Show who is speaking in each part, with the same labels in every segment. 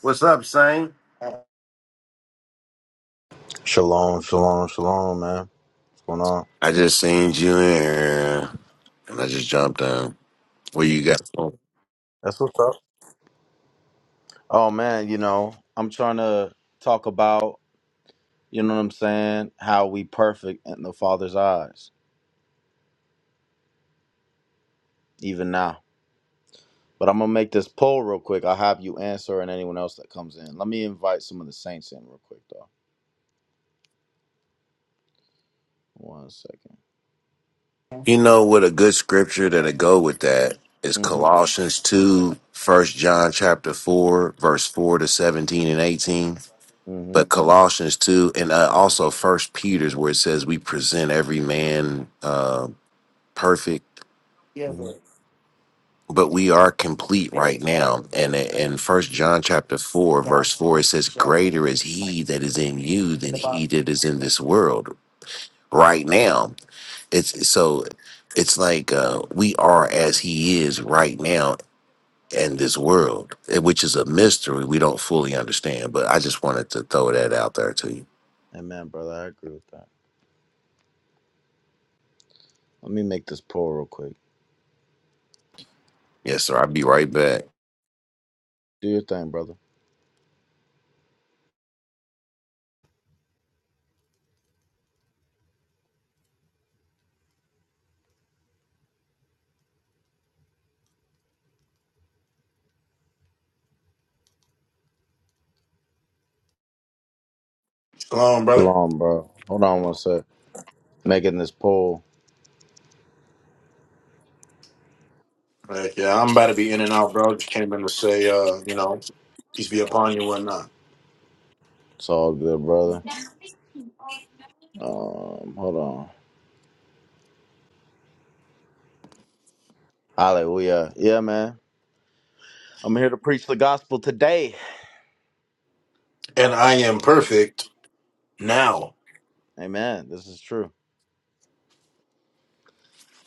Speaker 1: What's up, Saint?
Speaker 2: Shalom, shalom, shalom, man. What's going on?
Speaker 1: I just seen you in here, and I just jumped down. Where you got? from?
Speaker 2: That's what's up. Oh man, you know, I'm trying to talk about, you know what I'm saying, how we perfect in the Father's eyes, even now. But I'm gonna make this poll real quick. I'll have you answer and anyone else that comes in. Let me invite some of the saints in real quick though. One second.
Speaker 1: You know what? A good scripture that'll go with that is
Speaker 2: Mm-hmm.
Speaker 1: Colossians 2, First John chapter 4, verse 4 to 17 and 18. But
Speaker 2: Mm-hmm.
Speaker 1: Colossians 2, and uh, also First Peter's, where it says we present every man uh, perfect.
Speaker 2: Mm-hmm.
Speaker 1: but we are complete right now and in first john chapter 4 verse 4 it says greater is he that is in you than he that is in this world right now it's so it's like uh, we are as he is right now in this world eh, which is a mystery we don't fully understand but i just wanted to throw that out there to you
Speaker 2: Amen, brother. I agree with that. Let me make this poll real quick.
Speaker 1: yes sir i'll be right back
Speaker 2: Do your thing, brother.
Speaker 3: Shalom, brother.
Speaker 2: Shalom, bro. Hold on one sec. Making this poll.
Speaker 3: Like, yeah, I'm about to be in and out, bro. Just came in to say, uh, you know, peace be upon you and whatnot.
Speaker 2: It's all good, brother. Um, hold on. Hallelujah. Yeah, man. I'm here to preach the gospel today.
Speaker 3: And I am perfect now.
Speaker 2: Amen. This is true.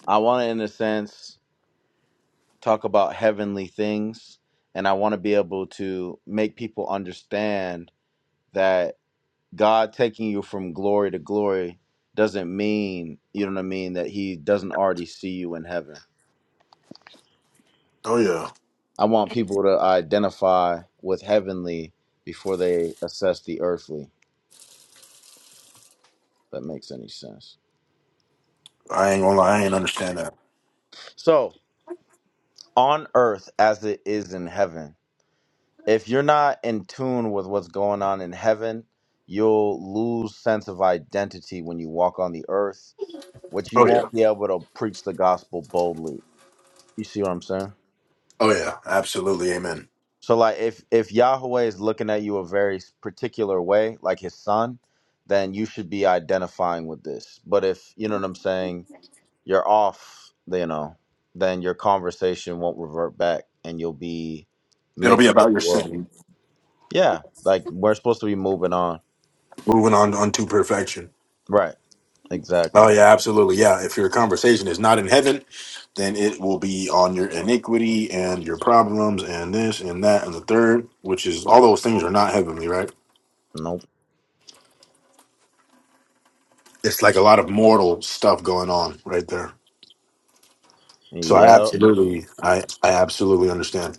Speaker 2: I want to, in a sense, talk about heavenly things, and I want to be able to make people understand that God taking you from glory to glory doesn't mean, you know what I mean, that He doesn't already see you in heaven.
Speaker 3: Oh yeah,
Speaker 2: I want people to identify with heavenly before they assess the earthly. If that makes any sense.
Speaker 3: I ain't gonna lie, I ain't understand that.
Speaker 2: So, on earth as it is in heaven. If you're not in tune with what's going on in heaven, you'll lose sense of identity when you walk on the earth, which you
Speaker 3: Oh yeah,
Speaker 2: won't be able to preach the gospel boldly. You see what I'm saying?
Speaker 3: oh yeah, absolutely, amen.
Speaker 2: So like if if Yahweh is looking at you a very particular way, like his son, then you should be identifying with this. But if, you know what I'm saying, you're off, you know, then your conversation won't revert back and you'll be
Speaker 3: It'll be
Speaker 2: mixed with
Speaker 3: about your
Speaker 2: the world.
Speaker 3: sin,
Speaker 2: Yeah, like we're supposed to be moving on.
Speaker 3: moving on unto perfection.
Speaker 2: Right.
Speaker 3: Oh
Speaker 2: Exactly.
Speaker 3: yeah, absolutely, yeah. If your conversation is not in heaven, then it will be on your iniquity and your problems and this and that and the third, which is all those things are not heavenly, right?
Speaker 2: Nope.
Speaker 3: It's like a lot of mortal stuff going on right there. So I
Speaker 2: Yep.
Speaker 3: absolutely, I I absolutely understand.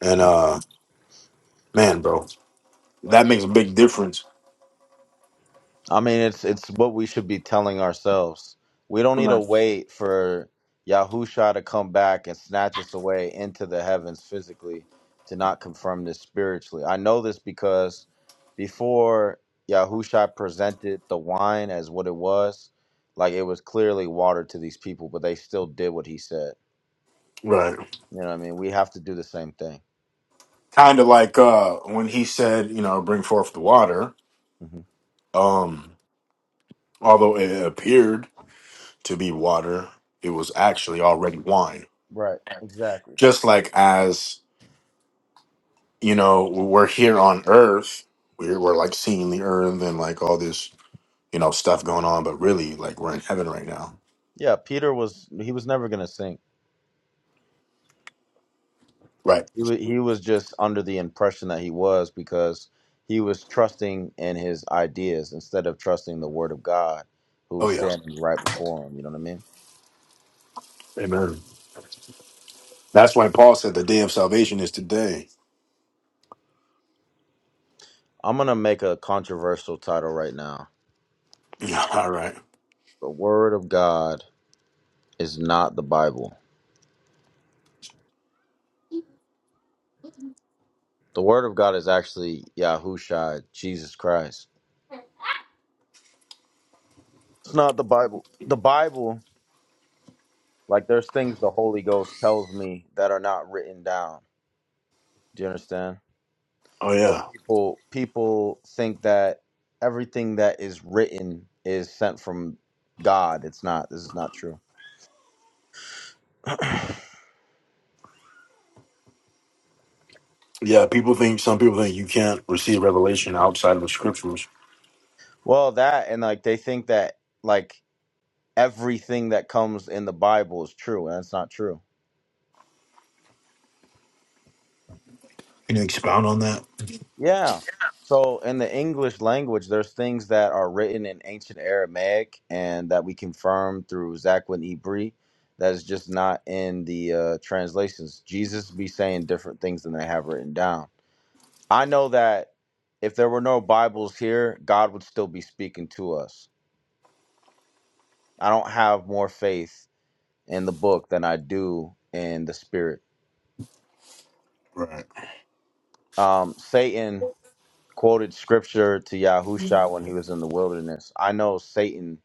Speaker 3: And uh, man, bro, that makes a big difference.
Speaker 2: I mean, it's it's what we should be telling ourselves. We don't need to
Speaker 3: Right.
Speaker 2: wait for Yahusha to come back and snatch us away into the heavens physically to not confirm this spiritually. I know this because before Yahusha presented the wine as what it was, like it was clearly water to these people, but they still did what he said.
Speaker 3: Right.
Speaker 2: You know what I mean? We have to do the same thing.
Speaker 3: Kind of like uh, when he said, you know, bring forth the water.
Speaker 2: Mm-hmm.
Speaker 3: Um, although it appeared to be water, it was actually already wine.
Speaker 2: Right. Exactly.
Speaker 3: Just like as you know, we're here on Earth, we're we're like seeing the Earth and like all this, you know, stuff going on, but really, like we're in heaven right now.
Speaker 2: Yeah. Peter was he was never going to sink.
Speaker 3: Right.
Speaker 2: He was he was just under the impression that he was because he was trusting in his ideas instead of trusting the Word of God, who
Speaker 3: Oh
Speaker 2: was
Speaker 3: yeah.
Speaker 2: standing right before him. You know what I mean?
Speaker 3: Amen. That's why Paul said the day of salvation is today.
Speaker 2: I'm gonna make a controversial title right now.
Speaker 3: Yeah. All right.
Speaker 2: The Word of God is not the Bible. The Word of God is actually Yahushua, Jesus Christ. It's not the Bible. The Bible, like there's things the Holy Ghost tells me that are not written down. Do you understand?
Speaker 3: Oh
Speaker 2: But
Speaker 3: yeah.
Speaker 2: people people think that everything that is written is sent from God. It's not. This is not true.
Speaker 3: Yeah, people think some people think you can't receive revelation outside of the scriptures.
Speaker 2: Well, that and like they think that like everything that comes in the Bible is true, and that's not true.
Speaker 3: Can you expound on that?
Speaker 2: Yeah. So in the English language, there's things that are written in ancient Aramaic and that we confirm through Zakwin Ibri that is just not in the uh, translations. Jesus be saying different things than they have written down. I know that if there were no Bibles here, God would still be speaking to us. I don't have more faith in the book than I do in the spirit.
Speaker 3: Right.
Speaker 2: Um, Satan quoted scripture to Yahusha when he was in the wilderness. I know Satan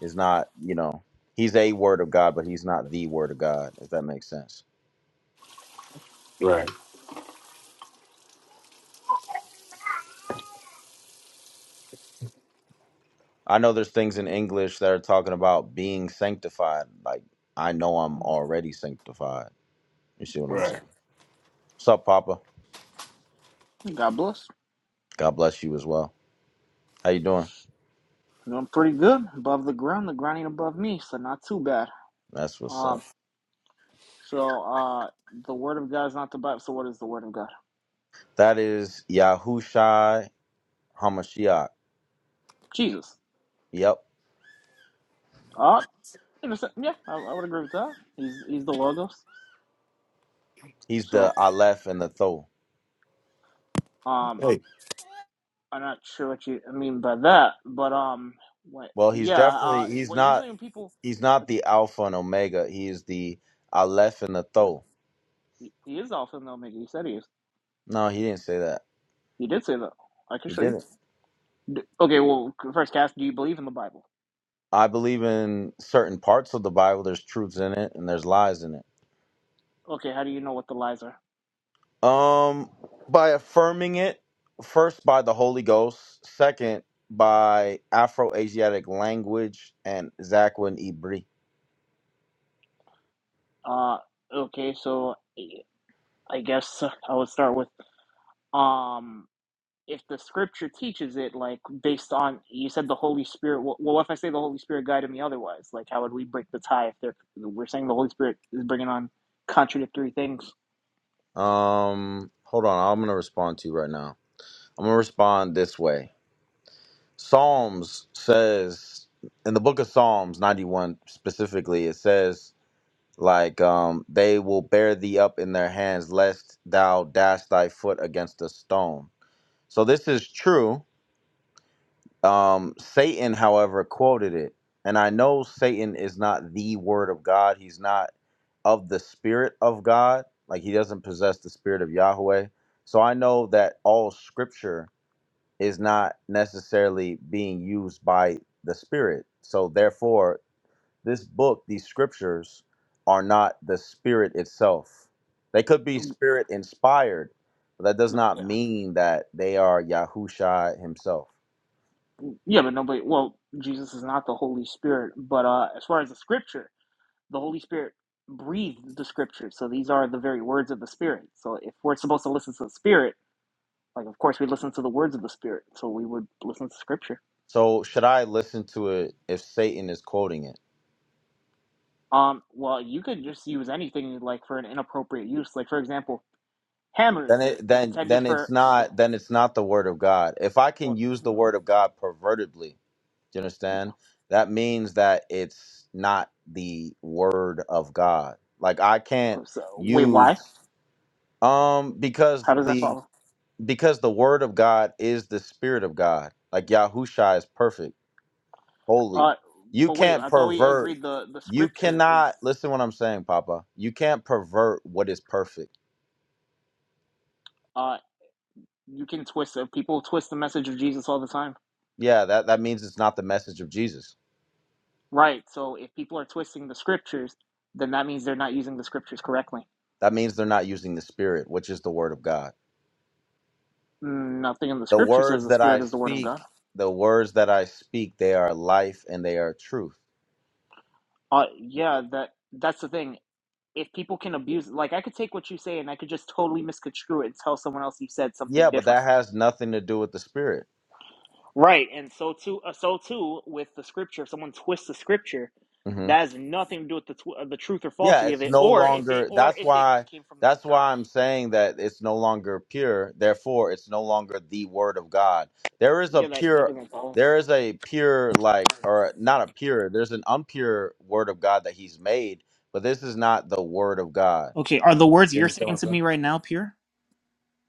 Speaker 2: is not, you know, he's a word of God, but he's not the word of God, if that makes sense.
Speaker 3: Right.
Speaker 2: I know there's things in English that are talking about being sanctified. Like, I know I'm already sanctified. You see what I'm
Speaker 3: Right.
Speaker 2: saying? What's up, Papa?
Speaker 4: God bless.
Speaker 2: God bless you as well. How you doing?
Speaker 4: Doing pretty good. Above the ground, the ground ain't above me, so not too bad.
Speaker 2: That's what's up.
Speaker 4: Um, so uh, the word of God is not the Bible. So what is the word of God?
Speaker 2: That is Yahushai Hamashiach.
Speaker 4: Jesus.
Speaker 2: Yep.
Speaker 4: Uh, yeah, I, I would agree with that. He's he's the logos.
Speaker 2: He's
Speaker 4: So
Speaker 2: the Aleph and the Tho.
Speaker 4: um,
Speaker 3: Hey.
Speaker 4: I'm not sure what you mean by that, but um, what,
Speaker 2: Well, he's
Speaker 4: yeah,
Speaker 2: definitely
Speaker 4: uh,
Speaker 2: he's
Speaker 4: what
Speaker 2: not
Speaker 4: usually when people,
Speaker 2: he's not
Speaker 4: it's,
Speaker 2: the Alpha and Omega. He is the Aleph and the
Speaker 4: he is
Speaker 2: Tho.
Speaker 4: he he is Alpha and Omega. He said he is.
Speaker 2: No, he didn't say that.
Speaker 4: He did say that. I can
Speaker 2: He
Speaker 4: show you.
Speaker 2: didn't.
Speaker 4: D- Okay, well, first, Cass, do you believe in the Bible?
Speaker 2: I believe in certain parts of the Bible there's truths in it and there's lies in it.
Speaker 4: Okay, how do you know what the lies are?
Speaker 2: Um by affirming it first by the Holy Ghost, second by Afro Asiatic language and Zakwin Ibri.
Speaker 4: Uh, okay, so eh, I guess I would start with um, if the scripture teaches it, like based on you said the Holy Spirit. Well, well, if I say the Holy Spirit guided me otherwise, like how would we break the tie if they're we're saying the Holy Spirit is bringing on contradictory things?
Speaker 2: Um, hold on. I'm gonna respond to you right now. I'm gonna respond this way. Psalms says in the book of Psalms 91 specifically, it says like um they will bear thee up in their hands lest thou dash thy foot against a stone. So this is true Um, Satan, however, quoted it. And I know Satan is not the word of God. He's not of the spirit of God. Like he doesn't possess the spirit of Yahweh. So I know that all scripture is not necessarily being used by the spirit. So therefore, this book, these scriptures, are not the spirit itself. They could be spirit inspired, but that does
Speaker 4: But,
Speaker 2: not
Speaker 4: Yeah,
Speaker 2: mean that they are Yahusha himself.
Speaker 4: yeah, but nobody. Well, Jesus is not the Holy Spirit, but uh, as far as the scripture, the Holy Spirit breathed the scripture, so these are the very words of the Spirit. So if we're supposed to listen to the Spirit Like, of course, we listen to the words of the Spirit, so we would listen to Scripture.
Speaker 2: So should I listen to it if Satan is quoting it?
Speaker 4: Um, well, you could just use anything like for an inappropriate use. Like, for example, hammers.
Speaker 2: Then
Speaker 4: They're
Speaker 2: it
Speaker 4: they're
Speaker 2: then
Speaker 4: intended
Speaker 2: then it's
Speaker 4: for
Speaker 2: not
Speaker 4: well,
Speaker 2: then it's not the word of God. If I can
Speaker 4: well,
Speaker 2: use the
Speaker 4: no,
Speaker 2: word of God pervertedly, do you
Speaker 4: yeah.
Speaker 2: understand? That means that it's not the word of God. Like I can't
Speaker 4: Oh, So wait, why?
Speaker 2: use um because
Speaker 4: How does that
Speaker 2: the
Speaker 4: follow?
Speaker 2: because the word of God is the spirit of God. Like Yahushua is perfect. holy.
Speaker 4: Uh,
Speaker 2: You
Speaker 4: but wait,
Speaker 2: can't
Speaker 4: I thought we
Speaker 2: pervert.
Speaker 4: agreed the the
Speaker 2: You
Speaker 4: Scripture is
Speaker 2: cannot listen what I'm saying, Papa. You can't pervert what is perfect.
Speaker 4: uh you can twist it. People twist the message of Jesus all the time,
Speaker 2: Yeah, that, that means it's not the message of Jesus.
Speaker 4: right? So if people are twisting the Scriptures, then that means they're not using the Scriptures correctly.
Speaker 2: That means they're not using the spirit, which is the word of God.
Speaker 4: Nothing in the
Speaker 2: The
Speaker 4: Scripture says
Speaker 2: words
Speaker 4: the
Speaker 2: that I
Speaker 4: Spirit is the Word of
Speaker 2: speak,
Speaker 4: God.
Speaker 2: the words that I speak, they are life and they are truth.
Speaker 4: Uh, yeah, that that's the thing. If people can abuse, like I could take what you say and I could just totally misconstrue it and tell someone else you said
Speaker 2: Yeah,
Speaker 4: something
Speaker 2: but
Speaker 4: different.
Speaker 2: that has nothing to do with the spirit.
Speaker 4: Right, and so too, uh, so too with the scripture. If someone twists the scripture,
Speaker 2: Mm-hmm.
Speaker 4: that has nothing to do with the tw- uh, the truth or
Speaker 2: yeah
Speaker 4: falsity of
Speaker 2: it's
Speaker 4: it,
Speaker 2: no
Speaker 4: or if it
Speaker 2: longer
Speaker 4: or
Speaker 2: that's
Speaker 4: if it
Speaker 2: why
Speaker 4: came from
Speaker 2: that's
Speaker 4: God.
Speaker 2: why i'm saying that it's no longer pure therefore it's no longer the word of god there is a
Speaker 4: Yeah, that that
Speaker 2: pure
Speaker 4: doesn't follow.
Speaker 2: there is a pure like or not a pure there's an impure word of god that he's made but this is not the word of god
Speaker 4: Okay, are the words
Speaker 2: you
Speaker 4: you're
Speaker 2: understand what
Speaker 4: saying
Speaker 2: i'm
Speaker 4: to
Speaker 2: saying
Speaker 4: me right now pure?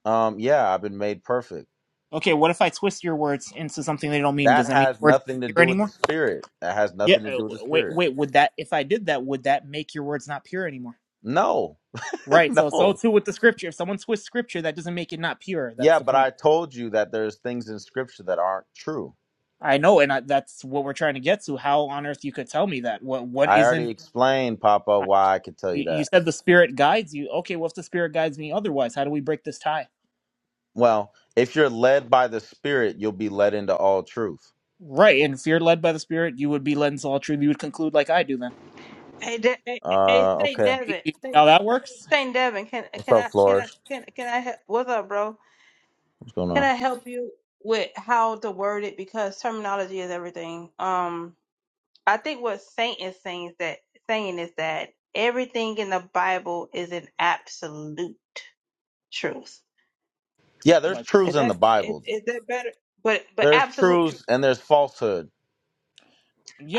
Speaker 2: um yeah i've been made perfect
Speaker 4: Okay, what if I twist your words into something they don't mean? Does
Speaker 2: that
Speaker 4: that mean
Speaker 2: has
Speaker 4: words
Speaker 2: nothing to
Speaker 4: aren't pure
Speaker 2: do with the
Speaker 4: anymore?
Speaker 2: spirit that has
Speaker 4: Yeah.
Speaker 2: nothing to
Speaker 4: uh,
Speaker 2: do
Speaker 4: w-
Speaker 2: with the
Speaker 4: Wait,
Speaker 2: spirit
Speaker 4: wait. Would that if I did that, would that make your words not pure anymore?
Speaker 2: no
Speaker 4: Right. So so
Speaker 2: no
Speaker 4: too with the scripture. If someone twists scripture, that doesn't make it not pure. That's
Speaker 2: yeah
Speaker 4: the
Speaker 2: but
Speaker 4: point.
Speaker 2: i told you that there's things in scripture that aren't true
Speaker 4: I know, and I, that's what we're trying to get to. How on earth you could tell me that? What what
Speaker 2: I
Speaker 4: isn't?
Speaker 2: already explained, Papa,
Speaker 4: I,
Speaker 2: why I could tell you
Speaker 4: you you
Speaker 2: that.
Speaker 4: said the spirit guides you. Okay, well if the spirit guides me otherwise, how do we break this tie?
Speaker 2: Well, if you're led by the Spirit, you'll be led into all truth.
Speaker 4: Right. And if you're led by the spirit, you would be led into all truth. You would conclude like I do. Then
Speaker 5: Hey, De- hey, hey, hey,
Speaker 2: Uh,
Speaker 5: Saint
Speaker 2: okay.
Speaker 4: You
Speaker 5: Devin,
Speaker 4: see
Speaker 5: Saint
Speaker 4: how that works?
Speaker 5: Saint Devin, can
Speaker 2: What's
Speaker 5: can
Speaker 2: up,
Speaker 5: I can I
Speaker 2: Flores?
Speaker 5: can can I help? What's up, bro?
Speaker 2: What's going
Speaker 5: Can
Speaker 2: on?
Speaker 5: I help you with how to word it because terminology is everything. Um, I think what Saint is saying is that saying is that everything in the Bible is an absolute truth.
Speaker 2: Yeah, there's
Speaker 4: Like
Speaker 2: truths
Speaker 5: Is
Speaker 2: in the
Speaker 5: that is,
Speaker 2: Bible.
Speaker 5: is that better? But but
Speaker 2: There's
Speaker 5: absolute truth.
Speaker 2: truths and there's falsehood.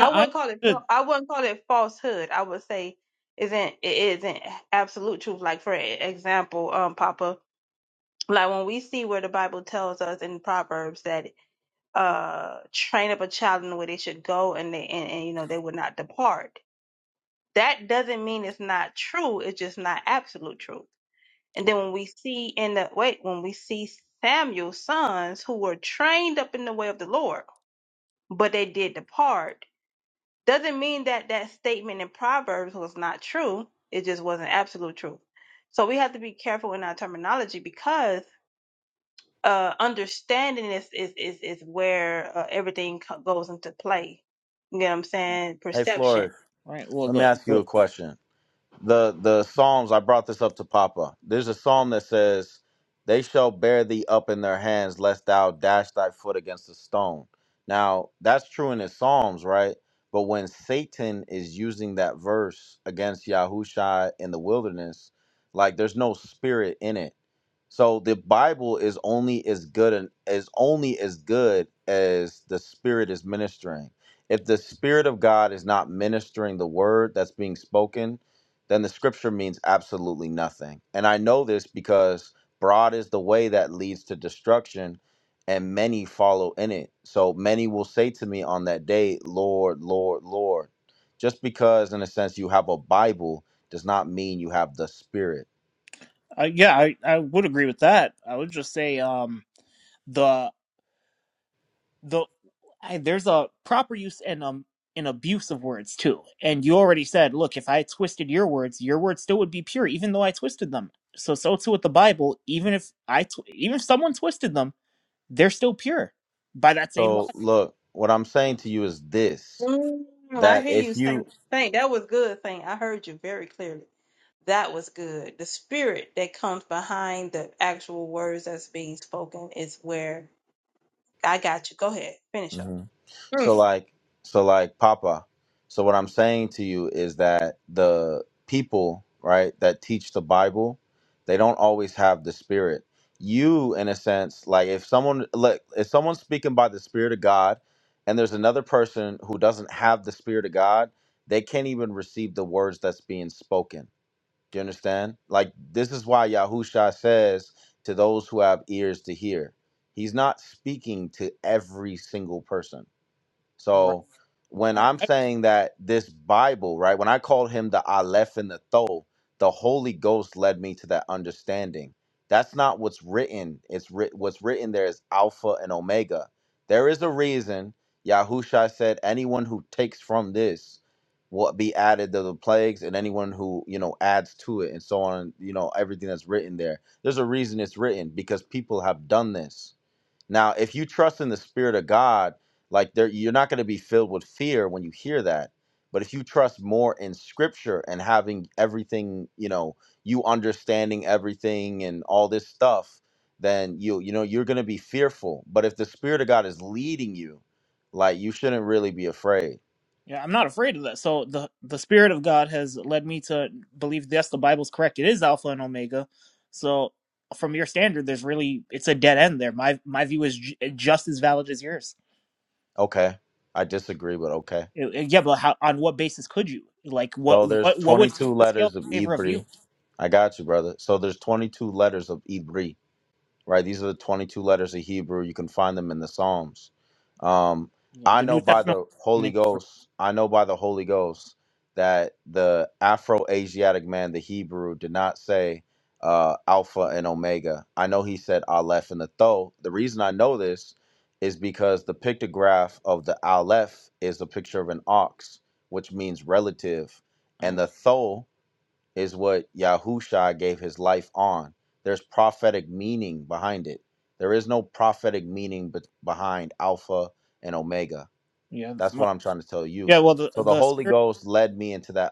Speaker 5: I
Speaker 4: I
Speaker 5: wouldn't call it. fal-
Speaker 4: understood.
Speaker 5: I wouldn't call it falsehood. I would say isn't it isn't absolute truth. Like for example, um, Papa. like when we see where the Bible tells us in Proverbs that uh train up a child in the way they should go and they and, and you know they would not depart. That doesn't mean it's not true, it's just not absolute truth. And then when we see in the wait, when we see Samuel's sons who were trained up in the way of the Lord, but they did depart, doesn't mean that that statement in Proverbs was not true. It just wasn't absolute truth. So we have to be careful in our terminology because uh understanding is is is, is where uh, everything co- goes into play you know what i'm saying
Speaker 2: Hey, Flores,
Speaker 5: perception
Speaker 4: Right. Well,
Speaker 2: let me
Speaker 4: the,
Speaker 2: ask you
Speaker 4: the
Speaker 2: a question. the the psalms i brought this up to papa there's a psalm that says they shall bear thee up in their hands lest thou dash thy foot against a stone now that's true in the psalms right but when satan is using that verse against yahushua in the wilderness like there's no spirit in it so the Bible is only as good and is only as good as the Spirit is ministering. If the Spirit of God is not ministering the word that's being spoken, then the scripture means absolutely nothing. And I know this because broad is the way that leads to destruction, and many follow in it. So many will say to me on that day, Lord, Lord, Lord. Just because, in a sense, you have a Bible does not mean you have the Spirit
Speaker 4: uh, yeah, I I would agree with that. I would just say um. the. the I, there's a proper use and um an abuse of words too. And you already said, look, if I twisted your words, your words still would be pure, even though I twisted them. So so too with the Bible. Even if I tw- even if someone twisted them, they're still pure by that same
Speaker 2: So
Speaker 4: logic.
Speaker 2: look, what I'm saying to you is this:
Speaker 5: mm, i
Speaker 2: that
Speaker 5: hear you
Speaker 2: if
Speaker 5: saying
Speaker 2: you,
Speaker 5: thing that was good thing i heard you very clearly that was good the spirit that comes behind the actual words that's being spoken is where i got you go ahead finish up
Speaker 2: Mhm. so like, so like Papa. So what I'm saying to you is that the people, right, that teach the Bible, they don't always have the Spirit. You, in a sense, like if someone, like if someone's speaking by the Spirit of God, and there's another person who doesn't have the Spirit of God, they can't even receive the words that's being spoken Do you understand? Like this is why Yahusha says to those who have ears to hear. He's not speaking to every single person.
Speaker 4: Right.
Speaker 2: So when
Speaker 4: I,
Speaker 2: I'm
Speaker 4: I,
Speaker 2: saying that this Bible, right, when I called him the Aleph and the Tho, the Holy Ghost led me to that understanding. That's not what's written. It's writ- what's written there is Alpha and Omega. There is a reason Yahusha said, anyone who takes from this will be added to the plagues, and anyone who, you know, adds to it and so on, you know, everything that's written there. There's a reason it's written because people have done this now, if you trust in the spirit of God, like there you're not going to be filled with fear when you hear that. But if you trust more in scripture and having everything, you know, you understanding everything and all this stuff, then you you know you're going to be fearful. But if the spirit of God is leading you, like you shouldn't really be afraid.
Speaker 4: yeah, I'm not afraid of that. So the the Spirit of God has led me to believe yes, the Bible's correct. It is Alpha and Omega. So from your standard, there's really it's a dead end there. My my view is j- just as valid as yours.
Speaker 2: Okay. I disagree, but okay.
Speaker 4: Uh, uh, Yeah, but how? On what basis could you? Like, what?
Speaker 2: So there's
Speaker 4: What? What would tip
Speaker 2: 22
Speaker 4: the scale
Speaker 2: letters of
Speaker 4: in favor of
Speaker 2: Ibri.
Speaker 4: you?
Speaker 2: I got you, brother. So there's 22 letters of Ibri right? These are the 22 letters of Hebrew. You can find them in the Psalms. Um, I
Speaker 4: The
Speaker 2: know
Speaker 4: New
Speaker 2: by
Speaker 4: Testament.
Speaker 2: the Holy Ghost, I know by the Holy Ghost that the Afro Asiatic man, the Hebrew, did not say uh, Alpha and Omega. I know he said Aleph and the Tho. The reason I know this is because the pictograph of the Aleph is a picture of an ox, which means relative, and
Speaker 4: Oh my.
Speaker 2: the Tho is what Yahusha gave his life on. There's prophetic meaning behind it. There is no prophetic meaning be- behind Alpha and Omega.
Speaker 4: Yeah.
Speaker 2: That's what
Speaker 4: well-
Speaker 2: I'm trying to tell you.
Speaker 4: Yeah. Well, the
Speaker 2: So the
Speaker 4: the
Speaker 2: Holy
Speaker 4: spirit.
Speaker 2: Ghost led me into that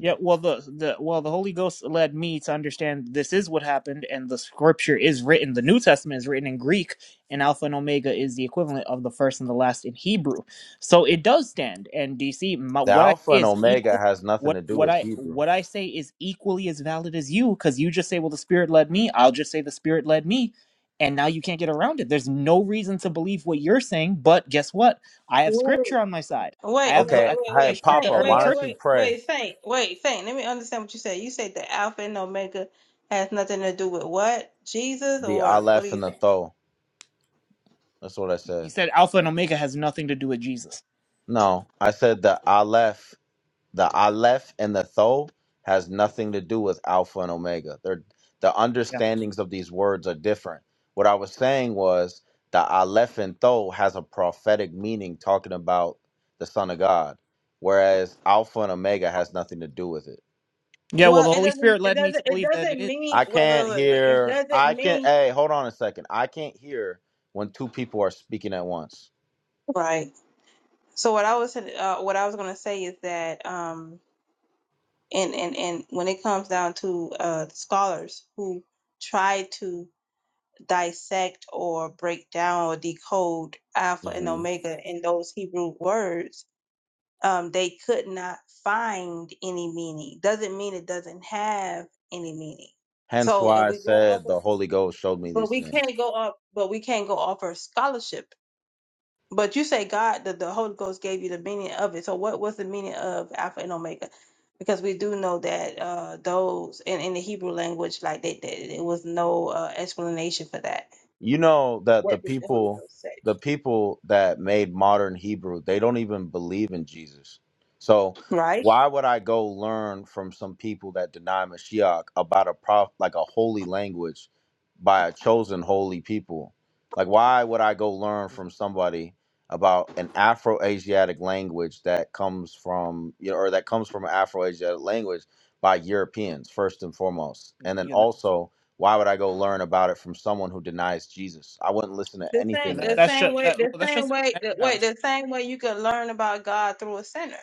Speaker 4: Yeah, well the the well the Holy Ghost led me to understand this is what happened and the scripture is written the New Testament is written in Greek and Alpha and Omega is the equivalent of the first and the last in Hebrew. So it does stand and DC my,
Speaker 2: The
Speaker 4: what I
Speaker 2: Alpha
Speaker 4: say
Speaker 2: and
Speaker 4: is
Speaker 2: Omega
Speaker 4: equal
Speaker 2: has nothing
Speaker 4: what
Speaker 2: to do
Speaker 4: what
Speaker 2: with
Speaker 4: I
Speaker 2: Hebrew.
Speaker 4: what I say is equally as valid as you cuz you just say well the spirit led me, I'll just say the spirit led me and now you can't get around it. There's no reason to believe what you're saying, but guess what? I have
Speaker 5: Mm.
Speaker 4: scripture on my side. I
Speaker 5: Wait, wait,
Speaker 4: have the
Speaker 5: wait,
Speaker 2: Okay,
Speaker 4: I
Speaker 5: wait,
Speaker 2: hey
Speaker 5: wait,
Speaker 4: of the
Speaker 5: Saint,
Speaker 2: Papa,
Speaker 5: wait,
Speaker 4: early
Speaker 2: why
Speaker 5: wait,
Speaker 4: church
Speaker 2: don't you
Speaker 5: wait,
Speaker 2: pray
Speaker 5: wait, Saint, wait, Saint. Let me understand what you said. You said the Alpha and Omega has nothing to do with what? Jesus
Speaker 2: the
Speaker 5: or what are
Speaker 2: Aleph
Speaker 5: you
Speaker 2: and the
Speaker 5: saying?
Speaker 2: Tho? That's what I
Speaker 4: He
Speaker 2: said.
Speaker 4: said Alpha and Omega has nothing to do with Jesus.
Speaker 2: No, I said the Aleph the aleph and the tho has nothing to do with alpha and omega they're the
Speaker 4: Yeah.
Speaker 2: understandings of these words are different what i was saying was the aleph and tho has a prophetic meaning talking about the son of god whereas alpha and omega has nothing to do with it
Speaker 4: Yeah, well,
Speaker 5: Well,
Speaker 4: the
Speaker 5: it
Speaker 4: Holy
Speaker 5: doesn't
Speaker 4: Spirit
Speaker 5: it
Speaker 4: led me
Speaker 5: doesn't
Speaker 4: to
Speaker 5: it
Speaker 4: believe that it
Speaker 5: doesn't
Speaker 4: is.
Speaker 5: mean
Speaker 2: i
Speaker 5: wait,
Speaker 2: can't
Speaker 5: wait, wait, wait. It
Speaker 2: hear i
Speaker 5: doesn't
Speaker 2: can't
Speaker 5: mean
Speaker 2: hey hold on a second i can't hear when two people are speaking at once
Speaker 5: Right. So what I was uh, what I was gonna say is that um and and and when it comes down to uh scholars who try to dissect or break down or decode Alpha and
Speaker 2: hmm
Speaker 5: Omega in those Hebrew words um, they could not find any meaning. Doesn't mean it doesn't have any meaning.
Speaker 2: hence
Speaker 5: So if
Speaker 2: why i
Speaker 5: we go off,
Speaker 2: said
Speaker 5: of,
Speaker 2: the holy ghost showed me
Speaker 5: but
Speaker 2: these
Speaker 5: we
Speaker 2: things
Speaker 5: can't go off, but we can't go off our scholarship. But you say God, the, the Holy Ghost gave you the meaning of it. So what was the meaning of Alpha and Omega? Because we do know that uh, those in, in the Hebrew language, like they, they, there was no uh, explanation for that.
Speaker 2: you know that the
Speaker 5: What did the Holy
Speaker 2: people
Speaker 5: Ghost say?
Speaker 2: the people that made modern hebrew they don't even believe in jesus so
Speaker 5: Right.
Speaker 2: why would i go learn from some people that deny mashiach about a prof like a holy language by a chosen holy people like why would i go learn from somebody about an afro-asiatic language that comes from you know, or that comes from an afro-asiatic language by europeans first and foremost and then
Speaker 4: Yeah, that,
Speaker 2: also why would I go learn about it from someone who denies Jesus? I wouldn't listen to
Speaker 5: The same,
Speaker 4: yeah
Speaker 2: anything they
Speaker 4: that,
Speaker 5: the
Speaker 2: had to
Speaker 4: that's
Speaker 2: say.
Speaker 5: same
Speaker 4: just
Speaker 5: way,
Speaker 4: that, well,
Speaker 5: the
Speaker 4: that's
Speaker 5: same
Speaker 4: just a
Speaker 5: way,
Speaker 4: genetic
Speaker 5: the, wait,
Speaker 4: fallacy.
Speaker 5: the same way you can learn about God through a sinner.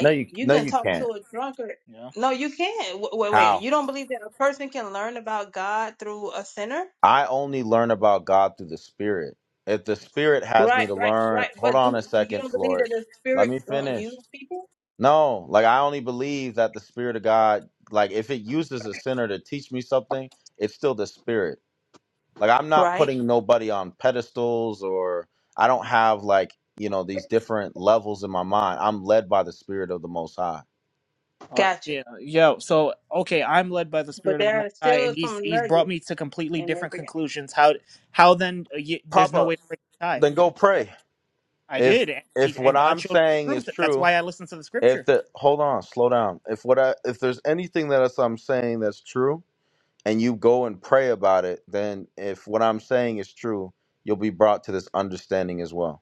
Speaker 2: No, you
Speaker 5: you
Speaker 2: no
Speaker 5: can
Speaker 2: you
Speaker 5: talk to
Speaker 2: can't.
Speaker 5: a drunkard.
Speaker 4: Yeah.
Speaker 5: No, you can't. W- Wait, wait.
Speaker 2: How?
Speaker 5: You don't believe that a person can learn about God through a sinner?
Speaker 2: I only learn about God through the Spirit. If the
Speaker 4: Yeah.
Speaker 2: Spirit has me
Speaker 5: Right,
Speaker 2: to
Speaker 5: right,
Speaker 2: learn,
Speaker 5: right.
Speaker 2: hold
Speaker 5: But
Speaker 2: on
Speaker 5: do,
Speaker 2: a
Speaker 5: you
Speaker 2: second,
Speaker 5: don't believe that
Speaker 2: Flores.
Speaker 5: the
Speaker 2: Let
Speaker 5: Spirit
Speaker 2: me
Speaker 5: won't
Speaker 2: finish.
Speaker 5: use people?
Speaker 2: No, like I only believe that the Spirit of God, like if it uses a sinner to teach me something, it's still the Spirit. Like I'm not
Speaker 5: Right.
Speaker 2: putting nobody on pedestals or I don't
Speaker 4: Okay.
Speaker 2: have like, you know, these different levels in my mind. I'm led by the Spirit of the Most High.
Speaker 4: Uh,
Speaker 5: Got you.
Speaker 4: yeah. Yo. So okay, I'm led by the
Speaker 5: But
Speaker 4: Spirit of the
Speaker 5: there are
Speaker 4: Most High,
Speaker 5: still
Speaker 4: and he's
Speaker 5: some
Speaker 4: he's brought
Speaker 5: nuggets
Speaker 4: me to completely
Speaker 5: in
Speaker 4: different
Speaker 5: every.
Speaker 4: conclusions. How how then? Uh, you, there's no
Speaker 2: Papa,
Speaker 4: way to break the tie.
Speaker 2: then go pray.
Speaker 4: I
Speaker 2: If
Speaker 4: did, and, he,
Speaker 2: if what
Speaker 4: and God
Speaker 2: I'm
Speaker 4: showed me
Speaker 2: saying
Speaker 4: the
Speaker 2: is
Speaker 4: truth. That's
Speaker 2: true,
Speaker 4: why I listened to the
Speaker 2: if
Speaker 4: Scripture.
Speaker 2: the hold on, slow down. If what I if there's anything that us- I'm saying that's true, and you go and pray about it, then if what I'm saying is true, you'll be brought to this understanding as well.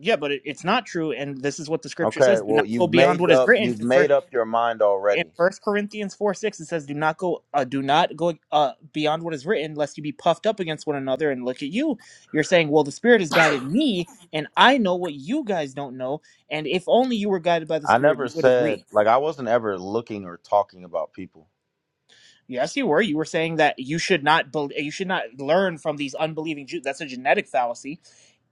Speaker 4: Yeah, but it, it's not true, and this is what the scripture
Speaker 2: Okay,
Speaker 4: says: do
Speaker 2: well
Speaker 4: not go
Speaker 2: you've
Speaker 4: beyond
Speaker 2: made
Speaker 4: what is
Speaker 2: up
Speaker 4: written.
Speaker 2: you've
Speaker 4: In,
Speaker 2: made
Speaker 4: for,
Speaker 2: up your mind
Speaker 4: in
Speaker 2: already.
Speaker 4: First Corinthians four six, it says, "Do not go, uh, do not go uh, beyond what is written, lest you be puffed up against one another." And look at you, you're saying, "Well, the Spirit has guided me, and I know what you guys don't know." And if only you were guided by the
Speaker 2: I
Speaker 4: Spirit,
Speaker 2: never
Speaker 4: you would
Speaker 2: said
Speaker 4: agree.
Speaker 2: like I wasn't ever looking or talking about people.
Speaker 4: Yes, you were. You were saying that you should not, bel you should not learn from these unbelieving Jews. That's a genetic fallacy,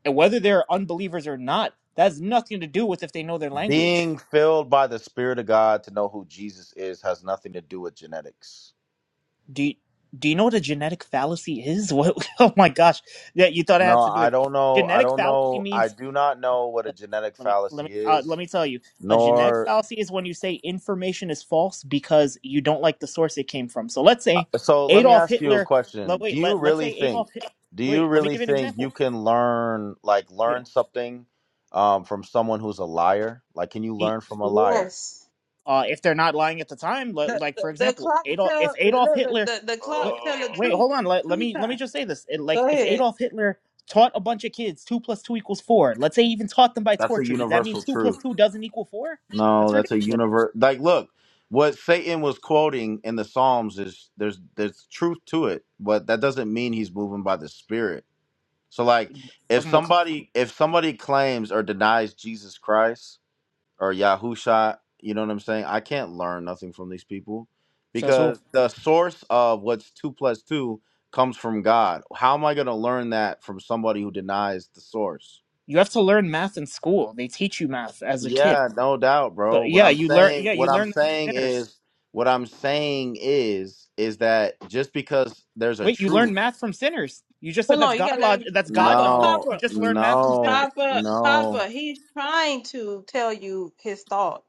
Speaker 4: and whether they're unbelievers or not, that has nothing to do with if they know their language
Speaker 2: Being filled by the Spirit of God to know who Jesus is has nothing to do with genetics.
Speaker 4: Do you, do you know what a genetic fallacy is? What? Oh my gosh! Yeah, you thought it
Speaker 2: No,
Speaker 4: had to do
Speaker 2: I
Speaker 4: with
Speaker 2: don't know. I
Speaker 4: genetic
Speaker 2: don't
Speaker 4: fallacy
Speaker 2: know. I
Speaker 4: means.
Speaker 2: do not know what a
Speaker 4: okay,
Speaker 2: genetic
Speaker 4: Let me let
Speaker 2: fallacy
Speaker 4: me uh,
Speaker 2: is,
Speaker 4: let me tell you. A genetic
Speaker 2: nor.
Speaker 4: fallacy is when you say information is false because you don't like the source it came from. So let's say
Speaker 2: So let me
Speaker 4: Adolf
Speaker 2: ask you a
Speaker 4: Hitler. Let,
Speaker 2: question. Do
Speaker 4: wait,
Speaker 2: you
Speaker 4: let let's
Speaker 2: really
Speaker 4: say
Speaker 2: think,
Speaker 4: Adolf. Hit,
Speaker 2: do you
Speaker 4: wait, let me
Speaker 2: really
Speaker 4: give you an
Speaker 2: think you
Speaker 4: example.
Speaker 2: can learn, like,
Speaker 4: Yeah.
Speaker 2: learn something um, from someone who's a liar? Like, can you
Speaker 4: E-
Speaker 2: learn from a liar?
Speaker 5: Yes.
Speaker 4: uh, if they're not lying at the time.
Speaker 5: The
Speaker 4: Like
Speaker 5: the,
Speaker 4: for
Speaker 5: the
Speaker 4: example,
Speaker 5: clock
Speaker 4: Adolf, if
Speaker 5: tell look,
Speaker 4: Adolf
Speaker 5: look,
Speaker 4: Hitler,
Speaker 5: the the clock
Speaker 4: wait,
Speaker 2: Oh.
Speaker 5: tell the
Speaker 4: wait,
Speaker 5: truth
Speaker 4: hold on, let, let
Speaker 5: two
Speaker 4: me let me
Speaker 5: times.
Speaker 4: just say this. It, like
Speaker 5: Go
Speaker 4: if
Speaker 5: ahead.
Speaker 4: Adolf Hitler taught a bunch of kids two plus two equals four, let's say he even taught them by
Speaker 2: That's a
Speaker 4: torture, does that mean
Speaker 2: universal
Speaker 4: two plus
Speaker 2: truth.
Speaker 4: two doesn't equal four?
Speaker 2: No,
Speaker 4: That's
Speaker 2: that's a
Speaker 4: ridiculous.
Speaker 2: universe. Like, look, what Satan was quoting in the Psalms is there's there's truth to it, but that doesn't mean he's moving by the Spirit So like
Speaker 4: That
Speaker 2: if
Speaker 4: wasn't the claim?
Speaker 2: somebody if somebody claims or denies Jesus Christ or Yahusha, you know what I'm saying? I can't learn nothing from these people
Speaker 4: Says who?
Speaker 2: because the source of what's two plus two comes from God. How am I gonna learn that from somebody who denies the source?
Speaker 4: You have to learn math in school. They teach you math as a kid.
Speaker 2: Yeah, no doubt,
Speaker 4: So
Speaker 2: bro. What
Speaker 4: yeah,
Speaker 2: I'm
Speaker 4: you learn.
Speaker 2: saying
Speaker 4: Yeah, you
Speaker 2: what I'm
Speaker 4: learn
Speaker 2: saying
Speaker 4: sinners.
Speaker 2: is what I'm saying is is that just because there's a
Speaker 4: Wait, you learn
Speaker 2: truth.
Speaker 4: math from sinners. You just said
Speaker 5: Hold
Speaker 4: that's
Speaker 5: on. You
Speaker 4: God
Speaker 5: gotta let
Speaker 4: log.
Speaker 5: him
Speaker 4: That's
Speaker 5: pop
Speaker 4: God
Speaker 5: up,
Speaker 4: knowledge.
Speaker 2: No,
Speaker 5: pop
Speaker 4: You
Speaker 5: up,
Speaker 4: just learn math from
Speaker 2: no,
Speaker 4: sinners.
Speaker 5: pop up, pop
Speaker 2: no.
Speaker 5: up. He's trying to tell you his thought.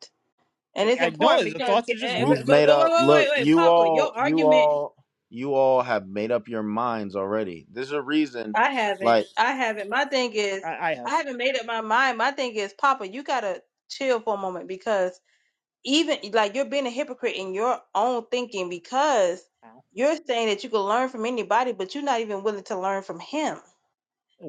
Speaker 5: And
Speaker 4: I,
Speaker 5: it's
Speaker 4: I
Speaker 5: important
Speaker 4: know the
Speaker 5: because,
Speaker 4: thoughts
Speaker 5: eh,
Speaker 4: are just
Speaker 5: eh,
Speaker 4: wrong.
Speaker 5: but,
Speaker 2: He's
Speaker 5: but,
Speaker 2: made
Speaker 5: but wait,
Speaker 2: up.
Speaker 5: wait, wait,
Speaker 2: Look,
Speaker 5: wait,
Speaker 2: you
Speaker 5: Papa,
Speaker 2: all,
Speaker 5: your
Speaker 2: you
Speaker 5: argument,
Speaker 2: all, you all have made up your minds already. There's a reason.
Speaker 5: I haven't,
Speaker 2: Like,
Speaker 5: I haven't. My thing is,
Speaker 4: I, I
Speaker 5: I
Speaker 4: have.
Speaker 5: haven't made up my mind. My thing is, Papa, you gotta chill for a moment because even like you're being a hypocrite in your own thinking because
Speaker 4: Wow.
Speaker 5: you're saying that you can learn from anybody, but you're not even willing to learn from him.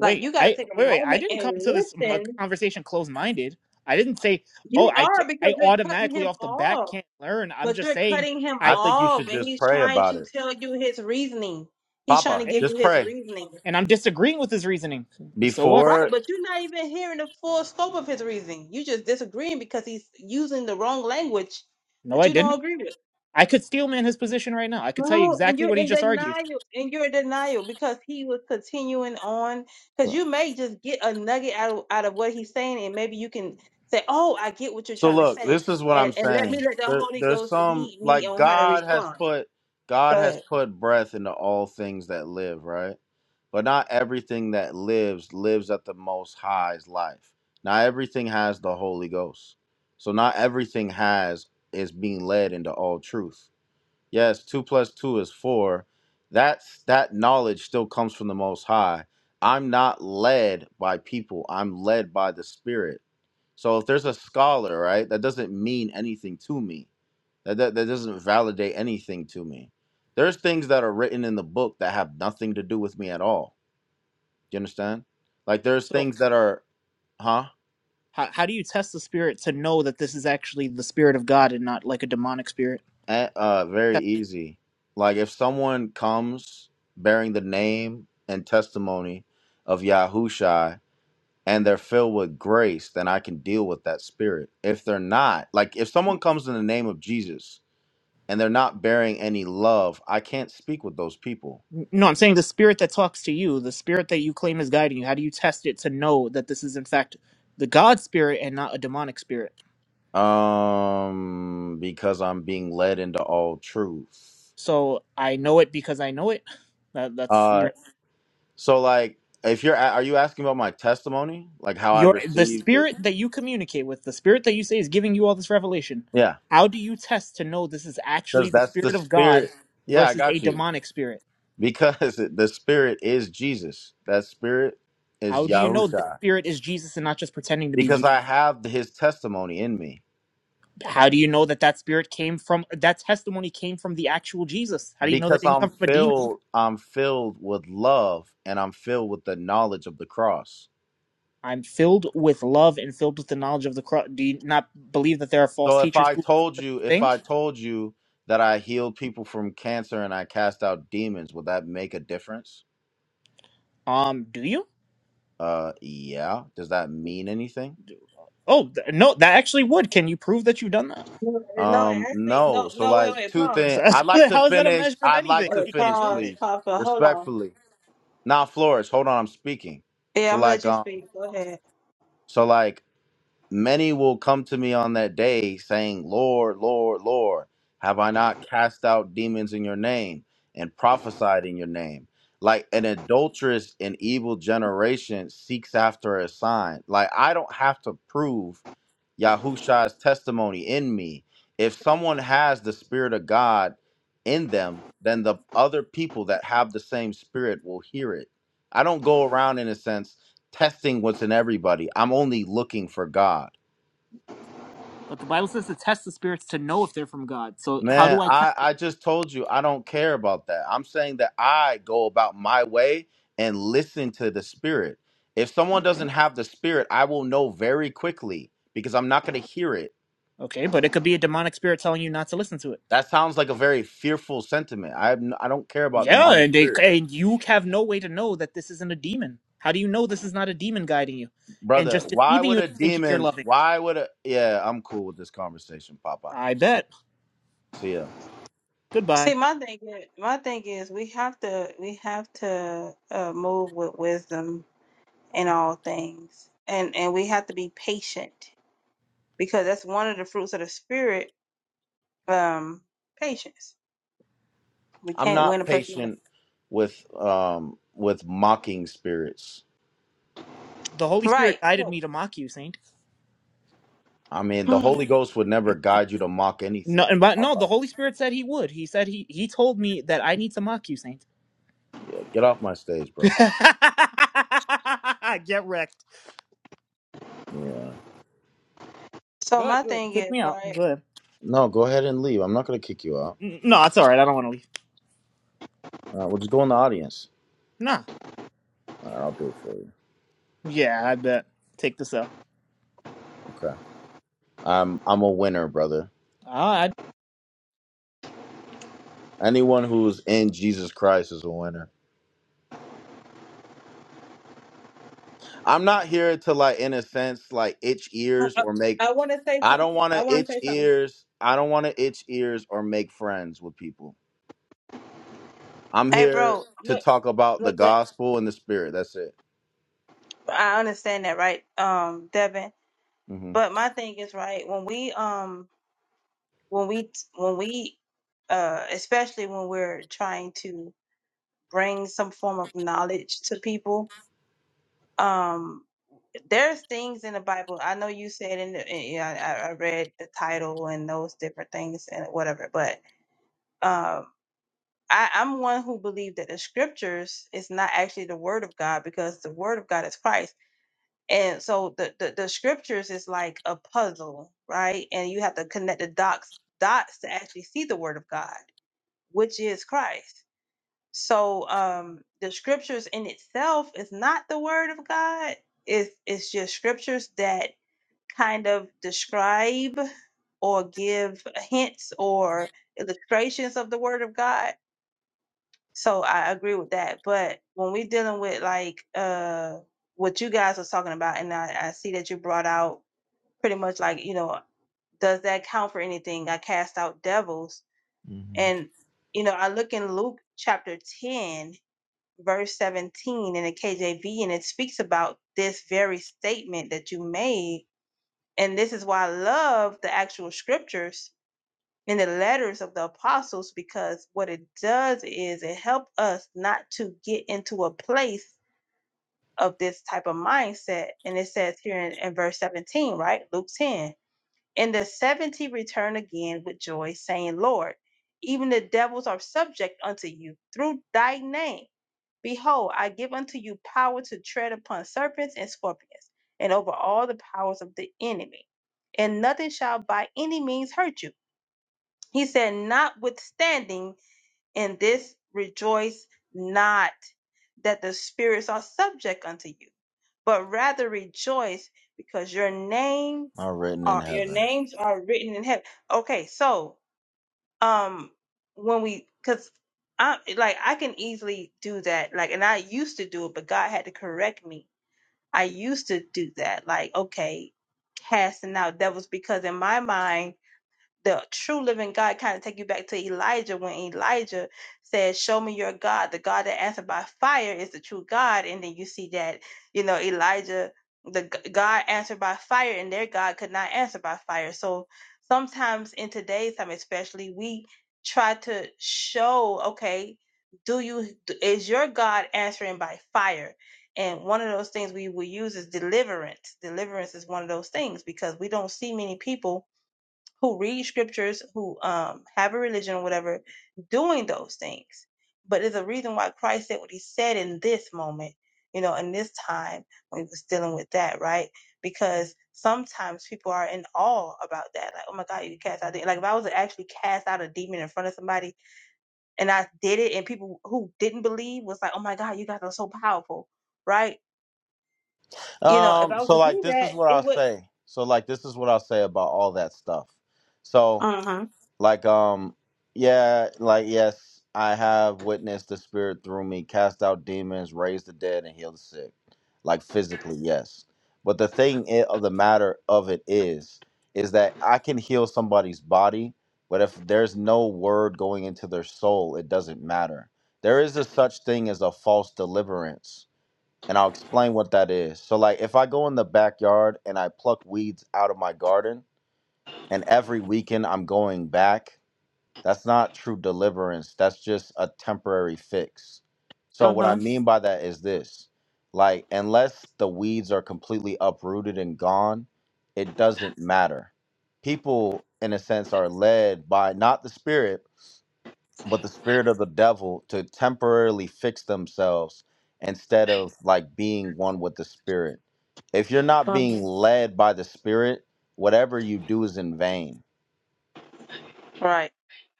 Speaker 5: Like you gotta
Speaker 4: I
Speaker 5: take a
Speaker 4: wait, wait. I
Speaker 5: moment
Speaker 4: didn't
Speaker 5: and
Speaker 4: come to this m- uh,
Speaker 5: listen.
Speaker 4: conversation closed-minded. I didn't say, "Oh,
Speaker 5: You
Speaker 4: I ca-
Speaker 5: are because
Speaker 4: I
Speaker 5: you're cutting
Speaker 4: automatically
Speaker 5: him
Speaker 4: off the bat
Speaker 5: off.
Speaker 4: can't learn." I'm
Speaker 5: But
Speaker 4: just
Speaker 5: you're
Speaker 4: saying
Speaker 5: cutting him
Speaker 2: I
Speaker 4: I
Speaker 2: think you
Speaker 5: off
Speaker 2: should
Speaker 5: and
Speaker 2: just
Speaker 5: he's
Speaker 2: pray
Speaker 5: trying
Speaker 2: about
Speaker 5: to
Speaker 2: it,
Speaker 5: tell you his reasoning. He's trying to
Speaker 2: Papa.
Speaker 5: give
Speaker 4: okay,
Speaker 5: you
Speaker 2: Just
Speaker 5: his
Speaker 2: pray
Speaker 5: reasoning.
Speaker 4: and I'm disagreeing with his reasoning. So what?
Speaker 5: Right,
Speaker 2: before.
Speaker 5: but you're not even hearing the full scope of his reasoning. You just disagreeing because he's using the wrong language
Speaker 4: No,
Speaker 5: that
Speaker 4: I
Speaker 5: you don't
Speaker 4: didn't.
Speaker 5: agree with.
Speaker 4: I could steel man his position right now. I could tell you
Speaker 5: No, and
Speaker 4: exactly
Speaker 5: you're
Speaker 4: what he
Speaker 5: in
Speaker 4: just argued.
Speaker 5: denial, and you're in denial because he was continuing on. Because you may just get a nugget out of, out of what he's saying, and maybe you can say, "Oh, I get what you're
Speaker 2: So
Speaker 5: trying to
Speaker 2: look,
Speaker 5: say,"
Speaker 2: this is what
Speaker 5: and
Speaker 2: I'm
Speaker 5: and let
Speaker 2: saying.
Speaker 5: me let the
Speaker 2: There,
Speaker 5: Holy
Speaker 2: there's
Speaker 5: Ghost
Speaker 2: some
Speaker 5: lead me
Speaker 2: like
Speaker 5: on how to
Speaker 2: God has
Speaker 5: respond.
Speaker 2: put God
Speaker 5: Go
Speaker 2: has
Speaker 5: ahead.
Speaker 2: put breath into all things that live, right? But not everything that lives lives at the most high's life. Not everything has the Holy Ghost. So not everything has is being led into all truth. Yes, two plus two is four. That's that knowledge still comes from the most high. I'm not led by people. I'm led by the spirit. So if there's a scholar, right, that doesn't mean anything to me. That, that that doesn't validate anything to me. There's things that are written in the book that have nothing to do with me at all. Do you understand? Like there's
Speaker 4: So
Speaker 2: things that are, huh?
Speaker 4: how how do you test the spirit to know that this is actually the spirit of God and not like a demonic spirit?
Speaker 2: Eh, Uh, very easy. Like if someone comes bearing the name and testimony of Yahushai and they're filled with grace, then I can deal with that spirit. If they're not, like if someone comes in the name of Jesus and they're not bearing any love, I can't speak with those people.
Speaker 4: No, I'm saying the spirit that talks to you, the spirit that you claim is guiding you, how do you test it to know that this is in fact the God spirit and not a demonic spirit?
Speaker 2: Um because I'm being led into all truth.
Speaker 4: So I know it because I know it. That, that's
Speaker 2: Uh
Speaker 4: your
Speaker 2: so like if you're a- are you asking about my testimony? Like how I
Speaker 4: your the
Speaker 2: received it?
Speaker 4: spirit that you communicate with, the spirit that you say is giving you all this revelation.
Speaker 2: Yeah.
Speaker 4: How do you test to know this is
Speaker 2: Cuz
Speaker 4: actually the
Speaker 2: that's the
Speaker 4: spirit of God
Speaker 2: spirit. Yeah, I
Speaker 4: versus a
Speaker 2: got you.
Speaker 4: demonic spirit?
Speaker 2: Because the spirit is Jesus. That spirit is
Speaker 4: How do you know this
Speaker 2: Yahusha.
Speaker 4: spirit is Jesus and not just pretending to be
Speaker 2: Because
Speaker 4: Jesus?
Speaker 2: I have his testimony in me.
Speaker 4: How do you know that that spirit came from that testimony came from the actual Jesus? How do you know that
Speaker 2: because
Speaker 4: it didn't
Speaker 2: I'm
Speaker 4: come from a demon?
Speaker 2: filled I'm filled with love and I'm filled with the knowledge of the cross.
Speaker 4: I'm filled with love and filled with the knowledge of the cross. Do you not believe that there are false
Speaker 2: So if
Speaker 4: teachers
Speaker 2: I
Speaker 4: who do
Speaker 2: told
Speaker 4: the
Speaker 2: you if
Speaker 4: thing?
Speaker 2: I told you that I healed people from cancer and I cast out demons, would that make a difference?
Speaker 4: Um, do you?
Speaker 2: Uh yeah, does that mean anything?
Speaker 4: Oh, th- no, that actually would. Can you prove that you've done that?
Speaker 5: No, eh, no,
Speaker 2: Um
Speaker 5: actually,
Speaker 2: no.
Speaker 5: no,
Speaker 2: So
Speaker 5: no, wait,
Speaker 2: like
Speaker 5: wait,
Speaker 2: two
Speaker 5: pause.
Speaker 2: things.
Speaker 4: So-
Speaker 2: I'd like to
Speaker 4: How is that a
Speaker 2: finish.
Speaker 4: measure of
Speaker 2: I'd like
Speaker 4: anything?
Speaker 2: to
Speaker 4: You
Speaker 5: Wait,
Speaker 4: can't
Speaker 2: finish
Speaker 4: prove
Speaker 5: pause,
Speaker 4: it.
Speaker 2: please.
Speaker 5: pause, but hold on.
Speaker 2: Respectfully. Now, Flores, hold on, I'm speaking.
Speaker 5: Yeah,
Speaker 2: So
Speaker 5: I'm gonna
Speaker 2: like
Speaker 5: let you
Speaker 2: um
Speaker 5: speak. Go ahead.
Speaker 2: so like Many will come to me on that day, saying, Lord, Lord, Lord, have I not cast out demons in your name and prophesied in your name? Like an adulterous and evil generation seeks after a sign. Like I don't have to prove Yahusha's testimony in me. If someone has the Spirit of God in them, then the other people that have the same Spirit will hear it. I don't go around, in a sense, testing what's in everybody. I'm only looking for God.
Speaker 4: But the Bible says to test the spirits to know if they're from God. So how
Speaker 2: Man,
Speaker 4: do I test?
Speaker 2: I, I just told you I don't care about that. I'm saying that I go about my way and listen to the spirit. If someone
Speaker 4: Okay,
Speaker 2: doesn't have the spirit, I will know very quickly because I'm not going to hear it.
Speaker 4: okay, but it could be a demonic spirit telling you not to listen to it.
Speaker 2: That sounds like a very fearful sentiment. I have n- I don't care about
Speaker 4: Yeah,
Speaker 2: demonic
Speaker 4: and, they,
Speaker 2: spirits.
Speaker 4: and you have no way to know that this isn't a demon. How do you know this is not a demon guiding you and
Speaker 2: Brother,
Speaker 4: just
Speaker 2: why
Speaker 4: deceiving
Speaker 2: would
Speaker 4: you
Speaker 2: a
Speaker 4: into thinking you're
Speaker 2: demon,
Speaker 4: loving?
Speaker 2: why would a Yeah, I'm cool with this conversation, papa.
Speaker 4: I bet.
Speaker 2: See ya.
Speaker 4: Goodbye.
Speaker 5: See, my thing is, my thing is, we have to, we have to uh, move with wisdom in all things, and and we have to be patient because that's one of the fruits of the spirit. Um, patience. We
Speaker 2: I'm
Speaker 5: can't win
Speaker 2: not
Speaker 5: a person over.
Speaker 2: patient with um with mocking spirits.
Speaker 4: The Holy Spirit
Speaker 5: Right.
Speaker 4: guided
Speaker 5: So,
Speaker 4: me to mock you, Saint.
Speaker 2: I mean, the Holy Ghost would never guide you to mock
Speaker 4: No,
Speaker 2: anything.
Speaker 4: and but no, the
Speaker 2: Papa.
Speaker 4: Holy Spirit said he would. He said he he told me that I need to mock you, Saint.
Speaker 2: Yeah, get off my stage, bro.
Speaker 4: Get wrecked.
Speaker 2: Yeah.
Speaker 5: so
Speaker 4: Good,
Speaker 5: my
Speaker 4: do it.
Speaker 5: thing
Speaker 4: Kick
Speaker 5: is,
Speaker 4: me out.
Speaker 5: right.
Speaker 4: Good.
Speaker 2: No, go ahead and leave. I'm not gonna kick you out.
Speaker 4: N- No, it's all right. I don't want to leave.
Speaker 2: All right, we'll just go in the audience.
Speaker 4: Nah.
Speaker 2: All right, I'll do it for you.
Speaker 4: Yeah, I bet. Take this out.
Speaker 2: Okay. I'm I'm a winner, brother. Anyone who's in Jesus Christ is a winner. I'm not here to like, in a sense, like itch
Speaker 5: I,
Speaker 2: ears or make.
Speaker 5: I want to say
Speaker 2: I
Speaker 5: something.
Speaker 2: don't want
Speaker 5: I
Speaker 2: to
Speaker 5: want to
Speaker 2: itch
Speaker 5: say something.
Speaker 2: ears. I don't want to itch ears or make friends with people. I'm
Speaker 5: Hey,
Speaker 2: here
Speaker 5: bro,
Speaker 2: to
Speaker 5: look,
Speaker 2: talk about the
Speaker 5: look.
Speaker 2: gospel and the spirit. That's it.
Speaker 5: I understand that, right, um, Devin.
Speaker 2: Mm-hmm.
Speaker 5: But my thing is, right, when we um when we when we uh especially when we're trying to bring some form of knowledge to people, um there's things in the Bible. I know you said in the in, yeah, I, I read the title and those different things and whatever, but um I, I'm one who believe that the scriptures is not actually the word of God because the word of God is Christ And so the, the the scriptures is like a puzzle, right? And you have to connect the dots dots to actually see the word of God, which is Christ. So um the scriptures in itself is not the word of God. It's it's just scriptures that kind of describe or give hints or illustrations of the word of God. So I agree with that. But when we're dealing with like uh what you guys was talking about, and I, I see that you brought out pretty much like, you know, does that count for anything? I cast out devils. And, you know, I look in Luke chapter 10, verse 17 in the KJV, and it speaks about this very statement that you made. And this is why I love the actual scriptures and the letters of the apostles because what it does is it helps us not to get into a place of this type of mindset. And it says here in, in verse 17, right? Luke 10 And the seventy returned again with joy, saying, Lord, even the devils are subject unto you through thy name. Behold, I give unto you power to tread upon serpents and scorpions, and over all the powers of the enemy. And nothing shall by any means hurt you. He said, Notwithstanding, in this rejoice not that the spirits are subject unto you, but rather rejoice because your name
Speaker 2: Are written in
Speaker 5: are your
Speaker 2: heaven.
Speaker 5: names are written in heaven. Okay, so um when we cuz I like I can easily do that. Like and I used to do it, but God had to correct me. I used to do that. Like okay, casting out devils because in my mind the true living God kind of take you back to Elijah when Elijah said, Show me your God. The God that answered by fire is the true God. And then you see that, you know, Elijah, the g- God answered by fire and their God could not answer by fire. So sometimes in today's time, especially, we try to show, okay, do you, d- is your God answering by fire? And one of those things we will use is deliverance. Deliverance is one of those things because we don't see many people who read scriptures, who um, have a religion or whatever, doing those things. But there's a reason why Christ said what he said in this moment, you know, in this time when he was dealing with that, right? Because sometimes people are in awe about that. Like, oh my God, you cast out the-" like if I was to actually cast out a demon in front of somebody and I did it and people who didn't believe was like, Oh my God, you guys are so powerful, right? You know, if
Speaker 2: Um,
Speaker 5: I was
Speaker 2: so
Speaker 5: to
Speaker 2: like
Speaker 5: do
Speaker 2: this
Speaker 5: that,
Speaker 2: is what I'll
Speaker 5: it would
Speaker 2: say. So like this is what I'll say about all that stuff. So
Speaker 5: uh-huh.
Speaker 2: like um yeah, like yes, I have witnessed the spirit through me, cast out demons, raise the dead and heal the sick. Like physically, yes. But the thing i- of the matter of it is is that I can heal somebody's body, but if there's no word going into their soul, it doesn't matter. There is a such thing as a false deliverance and I'll explain what that is. So, like, if I go in the backyard and I pluck weeds out of my garden, and every weekend I'm going back, that's not true deliverance. That's just a temporary fix. So, what I
Speaker 5: Uh-huh.
Speaker 2: mean by that is this like, unless the weeds are completely uprooted and gone, it doesn't matter. People, in a sense, are led by not the spirit, but the spirit of the devil to temporarily fix themselves instead of like being one with the spirit. If you're not
Speaker 5: Uh-huh.
Speaker 2: being led by the spirit, whatever you do is in vain.
Speaker 5: Right.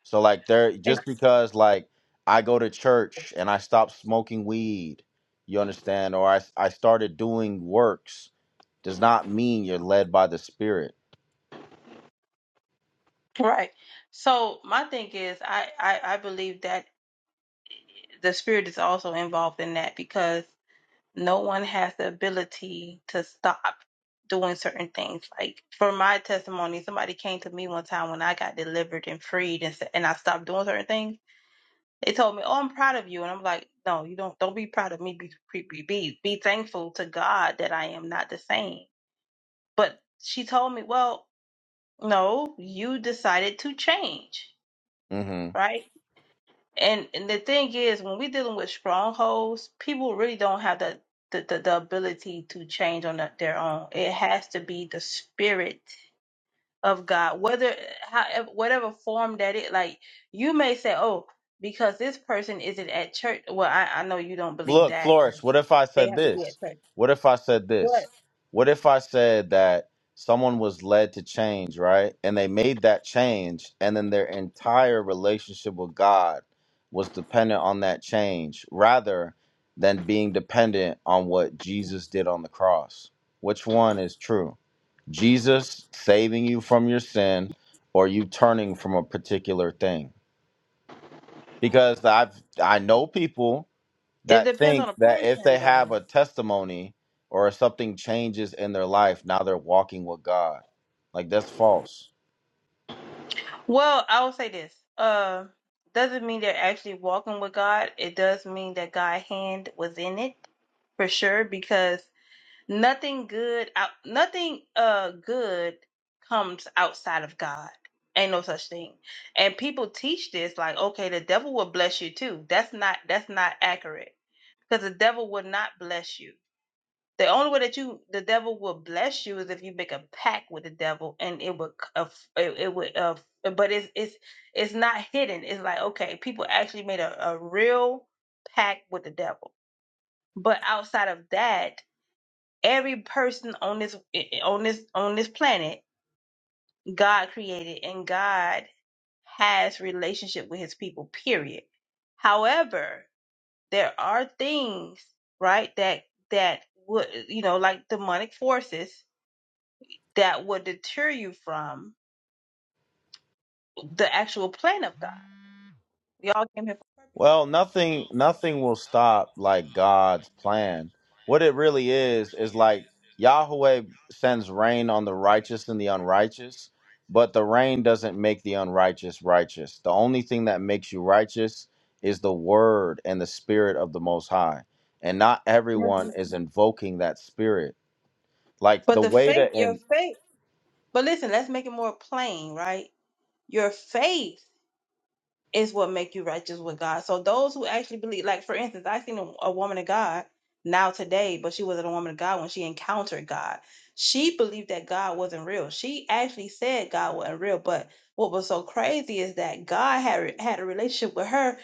Speaker 2: So like there
Speaker 5: And
Speaker 2: just because like I go to church and I stop smoking weed, you understand, or I I started doing works does not mean you're led by the spirit.
Speaker 5: Right. So my thing is, I, I I believe that the spirit is also involved in that because no one has the ability to stop doing certain things. Like for my testimony, somebody came to me one time when I got delivered and freed, and said, and I stopped doing certain things. They told me, "Oh, I'm proud of you," and I'm like, "No, you don't. Don't be proud of me. Be be be be be thankful to God that I am not the same." But she told me, "Well, no, you decided to change,
Speaker 2: Mm-hmm.
Speaker 5: right?" And, and the thing is, when we're dealing with strongholds, people really don't have the the, the, the ability to change on the- their own. It has to be the spirit of God, whether however, whatever form that it. Like you may say, "Oh, because this person isn't at church." Well, I, I know you don't believe
Speaker 2: look,
Speaker 5: that.
Speaker 2: Flourish,
Speaker 5: Like
Speaker 2: what if I
Speaker 5: they
Speaker 2: said
Speaker 5: have to be
Speaker 2: this?
Speaker 5: at church,
Speaker 2: What if I said this?
Speaker 5: but
Speaker 2: What if I said that someone was led to change, right? And they made that change, and then their entire relationship with God was dependent on that change rather than being dependent on what Jesus did on the cross? Which one is true? Jesus saving you from your sin or you turning from a particular thing? Because I've I know people
Speaker 5: it
Speaker 2: that
Speaker 5: depends on
Speaker 2: think
Speaker 5: the
Speaker 2: that if
Speaker 5: person,
Speaker 2: they have a
Speaker 5: though.
Speaker 2: testimony or if something changes in their life, now they're walking with God. Like that's false.
Speaker 5: Well, I will say this. Uh, doesn't mean they're actually walking with God. It does mean that God's hand was in it for sure because nothing good out nothing uh good comes outside of god ain't no such thing and people teach this like okay the devil will bless you too that's not that's not accurate because the devil will not bless you the only way that you the devil will bless you is if you make a pact with the devil and it would c- uh, it, it would uh, but it's it's it's not hidden it's like okay people actually made a, a real pact with the devil but outside of that every person on this on this on this planet god created and god has relationship with his people period however there are things right that that would you know like demonic forces that would deter you from the actual plan of god we all came here for
Speaker 2: Well, nothing nothing will stop like God's plan. What it really is is like Yahweh sends rain on the righteous and the unrighteous, but the rain doesn't make the unrighteous righteous. The only thing that makes you righteous is the word and the spirit of the most high. And not
Speaker 5: a purpose
Speaker 2: everyone
Speaker 5: so
Speaker 2: is invoking that spirit Like
Speaker 5: but
Speaker 2: the
Speaker 5: the
Speaker 2: way
Speaker 5: faith
Speaker 2: to
Speaker 5: your
Speaker 2: and
Speaker 5: faith but listen let's make it more plain right your faith is what make you righteous with God. So those who actually believe, like for instance, I seen a, a woman of God now today, but she wasn't a woman of God when she encountered God. She believed that God wasn't real. She actually said God wasn't real. But what was so crazy is that God had had a relationship with her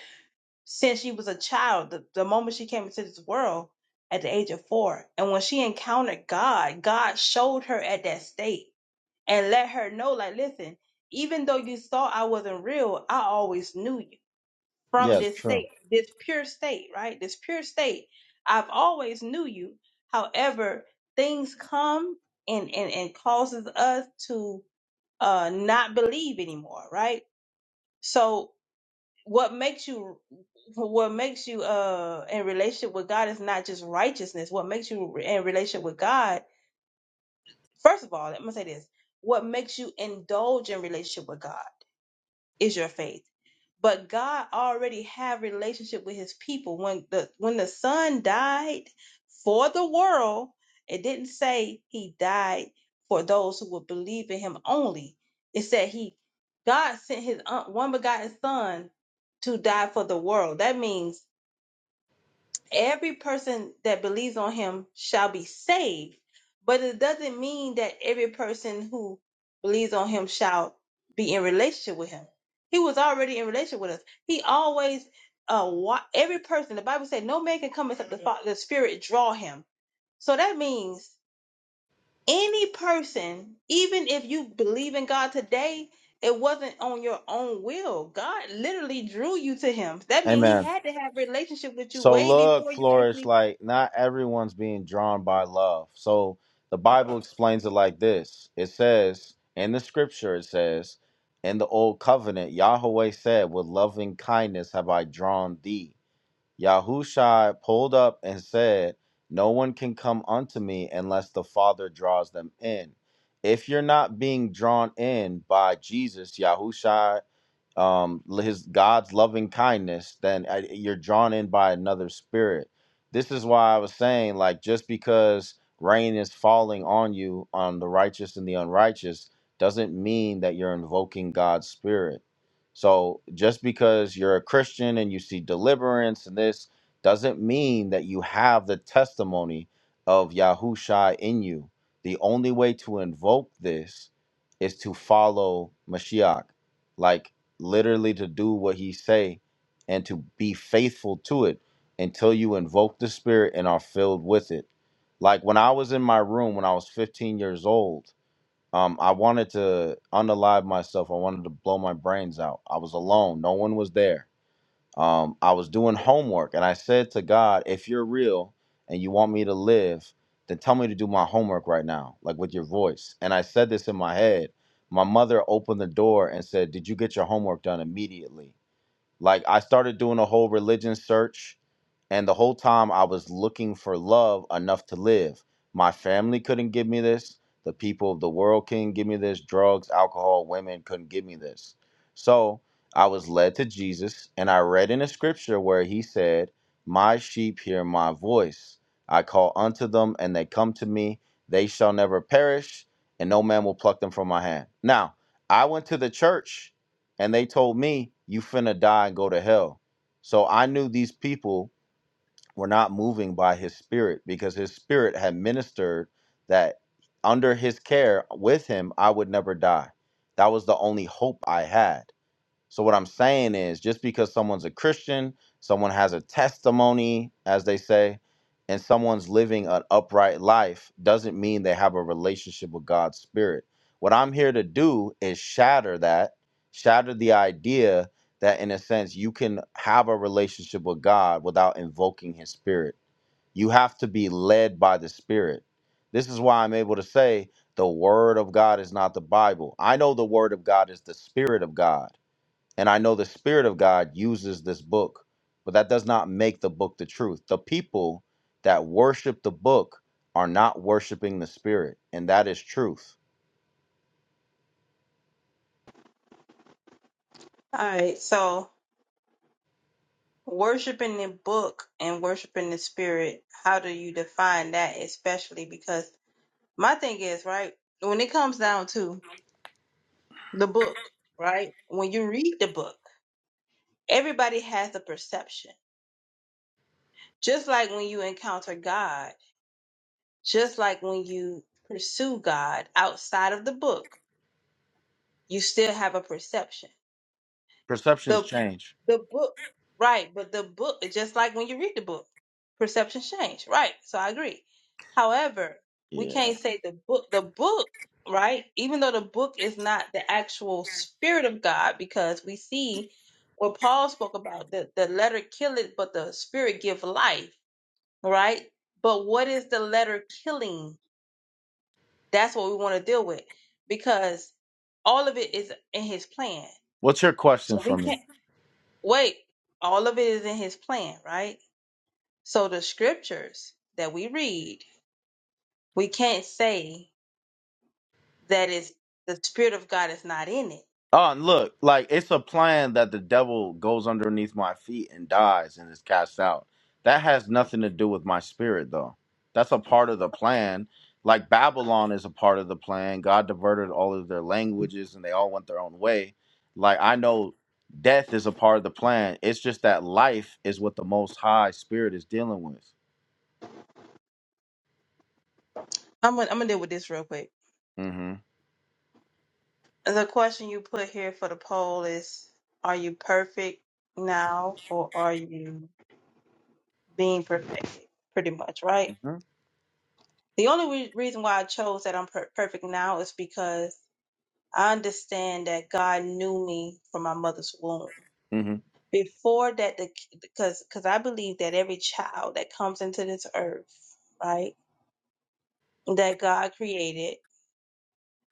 Speaker 5: since she was a child. The, the moment she came into this world at the age of four, and when she encountered God, God showed her at that state and let her know, like, listen, even though you thought I wasn't real, I always knew you from
Speaker 2: yeah,
Speaker 5: this
Speaker 2: true.
Speaker 5: state, this pure state, right? This pure state. I've always knew you. However, things come and and, and causes us to uh not believe anymore, right? So what makes you what makes you uh in relationship with God is not just righteousness. What makes you in relationship with God, first of all, let me say this. What makes you indulge in relationship with God? is your faith. But God already had relationship with his people. When the when the son died for the world, it didn't say he died for those who would believe in him only. It said he God sent his un- one begotten son to die for the world. That means every person that believes on him shall be saved but it doesn't mean that every person who believes on him shall be in relationship with him he was already in relationship with us he always uh wa- every person the bible said no man can come except the, fa- the spirit draw him so that means any person even if you believe in god today it wasn't on your own will god literally drew you to him that means he
Speaker 2: Amen.
Speaker 5: had to have relationship with you
Speaker 2: So
Speaker 5: way
Speaker 2: look,
Speaker 5: before you
Speaker 2: Flourish,
Speaker 5: actually
Speaker 2: like not everyone's being drawn by love. So the Bible explains it like this. It says in the scripture, it says, in the old covenant, Yahweh said, With loving kindness have I drawn thee. Yahushua pulled up and said, No one can come unto me unless the Father draws them in. If you're not being drawn in by Jesus, Yahushua um his god's loving kindness then I, you're drawn in by another spirit this is why i was saying like just because rain is falling on you on the righteous and the unrighteous doesn't mean that you're invoking god's spirit so just because you're a christian and you see deliverance and this doesn't mean that you have the testimony of yahushua in you the only way to invoke this is to follow mashiach like literally to do what he say and to be faithful to it until you invoke the spirit and are filled with it like when i was in my room when i was 15 years old um, i wanted to unalive myself i wanted to blow my brains out i was alone no one was there um, I was doing homework and I said to God, if you're real and you want me to live, then tell me to do my homework right now, like with your voice. And I said this in my head. My mother opened the door and said, Did you get your homework done immediately? Like I started doing a whole religion search and the whole time I was looking for love enough to live. My family couldn't give me this. The people of the world couldn't give me this. Drugs, alcohol, women couldn't give me this. So I was led to Jesus, and I read in a scripture where he said, My sheep hear my voice. I call unto them, and they come to me. They shall never perish, and no man will pluck them from my hand. Now, I went to the church, and they told me, You finna die and go to hell. So I knew these people were not moving by his spirit because his spirit had ministered that under his care with him I would never die. That was the only hope I had. So what I'm saying is just because someone's a Christian, someone has a testimony, as they say, and someone's living an upright life doesn't mean they have a relationship with God's spirit. What I'm here to do is shatter that, shatter the idea that in a sense you can have a relationship with God without invoking his spirit. You have to be led by the spirit. This is why I'm able to say the word of God is not the Bible. I know the word of God is the spirit of God and I know the Spirit of God uses this book, but that does not make the book the truth. The people that worship the book are not worshiping the Spirit, and that is truth.
Speaker 5: All right, so worshiping the book and worshiping the spirit, how do you define that especially? Because my thing is, right, when it comes down to the book, right, when you read the book, everybody has a perception. Just like when you encounter God, just like when you pursue God outside of the book, you still have a perception.
Speaker 2: Perceptions
Speaker 5: the
Speaker 2: change.
Speaker 5: the book right but the book it's just like when you read the book perceptions change right so i agree however we
Speaker 2: Yeah.
Speaker 5: can't say the book the book right even though the book is not the actual spirit of god because we see what paul spoke about the, the letter kill it but the spirit give life right but what is the letter killing that's what we want to deal with because all of it is in his plan
Speaker 2: What's your question
Speaker 5: so
Speaker 2: for
Speaker 5: we can't.
Speaker 2: me?
Speaker 5: Wait, all of it is in his plan, right? So the scriptures that we read, we can't say that it's the spirit of God is not in it.
Speaker 2: Oh, and look, like it's a plan that the devil goes underneath my feet and dies and is cast out. That has nothing to do with my spirit, though. That's a part of the plan. Like Babylon is a part of the plan. God diverted all of their languages and they all went their own way. Like I know death is a part of the plan. It's just that life is what the most high spirit is dealing with.
Speaker 5: I'm gonna, I'm gonna deal with this real quick.
Speaker 2: Mm-hmm.
Speaker 5: The question you put here for the poll is: Are you perfect now, or are you being perfected? Pretty much, right? The only re- reason why I chose that I'm per- perfect now is because I understand that God knew me from my mother's womb
Speaker 2: Mm-hmm.
Speaker 5: before that the because because i believe that every child that comes into this earth right that god created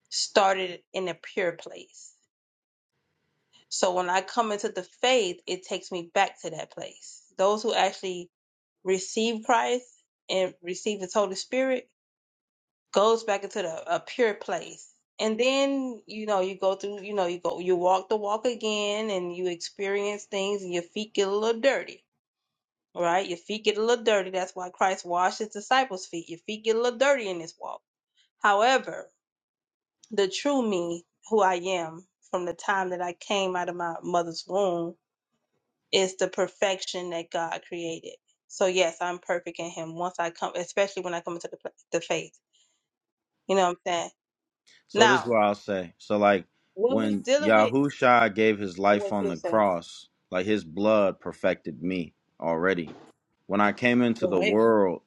Speaker 5: started in a pure place so when i come into the faith it takes me back to that place those who actually receive christ and receive his holy spirit goes back into the, a pure place and then you know you go through you know you go you walk the walk again and you experience things and your feet get a little dirty All right, your feet get a little dirty. That's why Christ washed his disciples' feet. Your feet get a little dirty in this walk. However, the true me, who I am from the time that I came out of my mother's womb, is the perfection that God created. So yes, I'm perfect in Him. Once I come, especially when I come into the pla- the faith, you know what I'm saying.
Speaker 2: So this is
Speaker 5: Now,
Speaker 2: what I'll say. So like
Speaker 5: when we
Speaker 2: when
Speaker 5: dealing with
Speaker 2: Yahusha gave his life
Speaker 5: what
Speaker 2: on
Speaker 5: you're
Speaker 2: the
Speaker 5: saying,
Speaker 2: cross, like his blood perfected me already. When I came into the
Speaker 5: right,
Speaker 2: world,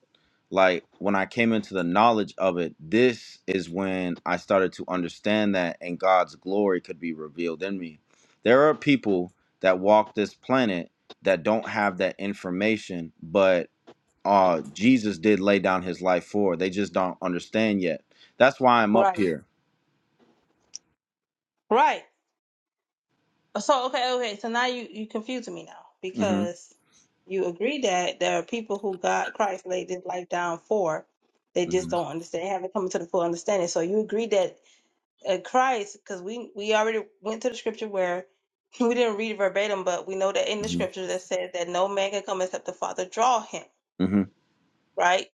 Speaker 2: like when I came into the knowledge of it, this is when I started to understand that and God's glory could be revealed in me. There are people that walk this planet that don't have that information, but uh Jesus did lay down his life for. They just don't understand yet. That's why I'm up
Speaker 5: right,
Speaker 2: here.
Speaker 5: right. So okay, okay. So now you you confusing me now
Speaker 2: Mm-hmm.
Speaker 5: because you agree that there are people who God Christ laid this life down for. They just
Speaker 2: hmm
Speaker 5: don't understand, haven't come to the full understanding. So you agree that uh, Christ, because we we already went to the scripture where we didn't read it verbatim, but we know that in the
Speaker 2: hmm
Speaker 5: scripture that says that no man can come except the Father draw him,
Speaker 2: hmm
Speaker 5: right?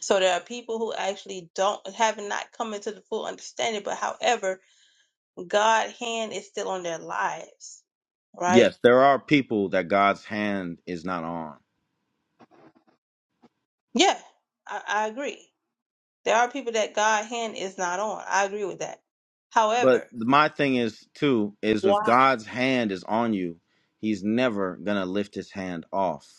Speaker 5: So there are people who actually don't have not come into the full understanding, but however, God's hand is still on their lives right?
Speaker 2: Yes, there are people that God's hand is not on.
Speaker 5: Yeah, I, I agree. There are people that God hand is not on. I agree with that.
Speaker 2: But
Speaker 5: However,
Speaker 2: my thing is too is if
Speaker 5: why
Speaker 2: God's hand is on you, He's never gonna lift His hand off.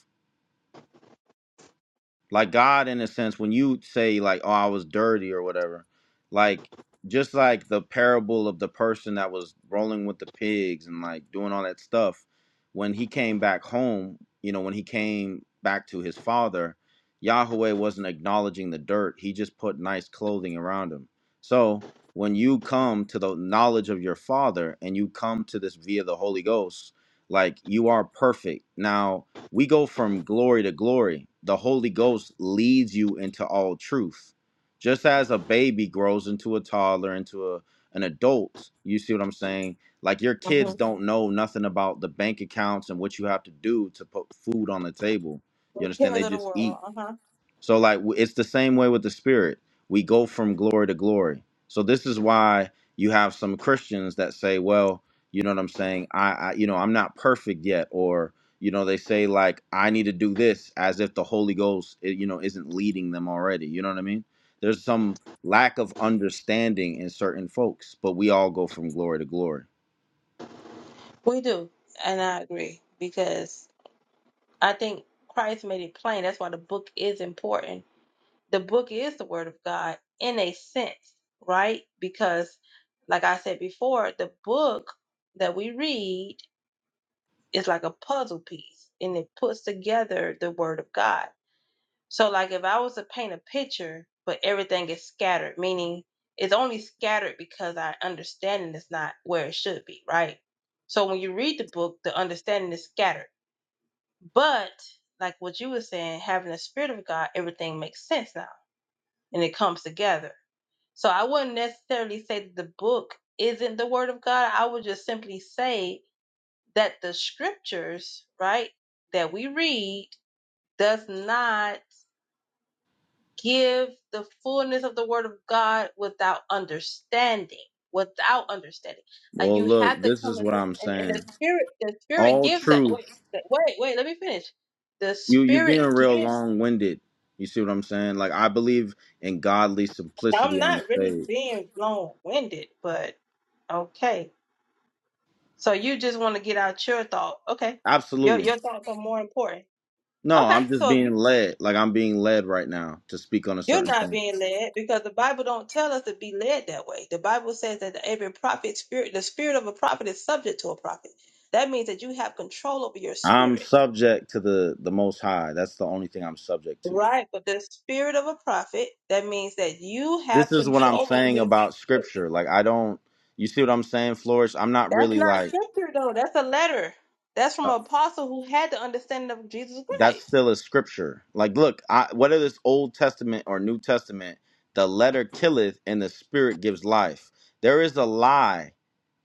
Speaker 2: like God in a sense when you say like oh I was dirty or whatever like just like the parable of the person that was rolling with the pigs and like doing all that stuff when he came back home you know when he came back to his father Yahweh wasn't acknowledging the dirt he just put nice clothing around him so when you come to the knowledge of your father and you come to this via the Holy Ghost like you are perfect now we go from glory to glory. The Holy Ghost leads you into all truth. Just as a baby grows into a toddler, into a, an adult, you see what I'm saying? Like your kids
Speaker 5: Mhm.
Speaker 2: don't know nothing about the bank accounts and what you have to do to put food on the table. You
Speaker 5: the
Speaker 2: understand?
Speaker 5: cares
Speaker 2: They
Speaker 5: of the
Speaker 2: just eat.
Speaker 5: world? Uh-huh.
Speaker 2: So like w- it's the same way with the spirit. We go from glory to glory. So this is why you have some Christians that say, well, you know what I'm saying? I, I you know, I'm not perfect yet or you know, they say like I need to do this as if the Holy Ghost eh, you know isn't leading them already. You know what I mean? There's some lack of understanding in certain folks, but we all go from glory to glory.
Speaker 5: We do, and I agree because I think Christ made it plain. That's why the book is important. The book is the Word of God in a sense, right? Because, like I said before, the book that we read is like a puzzle piece, and it puts together the Word of God So, like, if I was to paint a picture, but everything is scattered, meaning it's only scattered because our understanding is not where it should be, right? So, when you read the book, the understanding is scattered. But, like what you were saying, having the Spirit of God, everything makes sense now and it comes together. So, I wouldn't necessarily say that the book isn't the Word of God. I would just simply say that the scriptures, right, that we read does not give the fullness of the word of God without understanding. Without understanding, uh,
Speaker 2: Well,
Speaker 5: you have
Speaker 2: look,
Speaker 5: to
Speaker 2: this
Speaker 5: come
Speaker 2: is what
Speaker 5: into
Speaker 2: I'm
Speaker 5: and, and
Speaker 2: saying.
Speaker 5: the spirit. The spirit
Speaker 2: All
Speaker 5: gives that
Speaker 2: truth
Speaker 5: way. Wait, wait, wait, let me finish. The
Speaker 2: you you being
Speaker 5: spirit
Speaker 2: real
Speaker 5: gives.
Speaker 2: long winded. You see what I'm saying? Like I believe in godly
Speaker 5: I'm
Speaker 2: simplicity on the
Speaker 5: not really
Speaker 2: stage.
Speaker 5: being long winded, but okay. So you just want to get out your thought. Okay, your
Speaker 2: Absolutely.
Speaker 5: your thoughts are more important.
Speaker 2: No,
Speaker 5: Okay,
Speaker 2: I'm just
Speaker 5: so if
Speaker 2: being
Speaker 5: you
Speaker 2: led. Like I'm being led right now to speak on a
Speaker 5: You're
Speaker 2: certain
Speaker 5: not
Speaker 2: thing.
Speaker 5: being led because the Bible don't tell us to be led that way. The Bible says that every prophet spirit, the spirit of a prophet is subject to a prophet. That means that you have control over your
Speaker 2: I'm
Speaker 5: spirit.
Speaker 2: subject to the the most high. That's the only thing I'm subject to.
Speaker 5: Right. But the spirit of a prophet, that means that you
Speaker 2: This
Speaker 5: have
Speaker 2: is what I'm
Speaker 5: control over
Speaker 2: saying
Speaker 5: your
Speaker 2: about
Speaker 5: spirit.
Speaker 2: scripture. Like I don't you see what I'm saying, Flourish? I'm not
Speaker 5: That's
Speaker 2: really
Speaker 5: not
Speaker 2: like
Speaker 5: scripture though. That's a letter. That's from an apostle who had the understanding of Jesus
Speaker 2: that's
Speaker 5: Christ.
Speaker 2: still a scripture. Like, look, I, whether it's Old Testament or New Testament, the letter killeth and the spirit gives life. There is a lie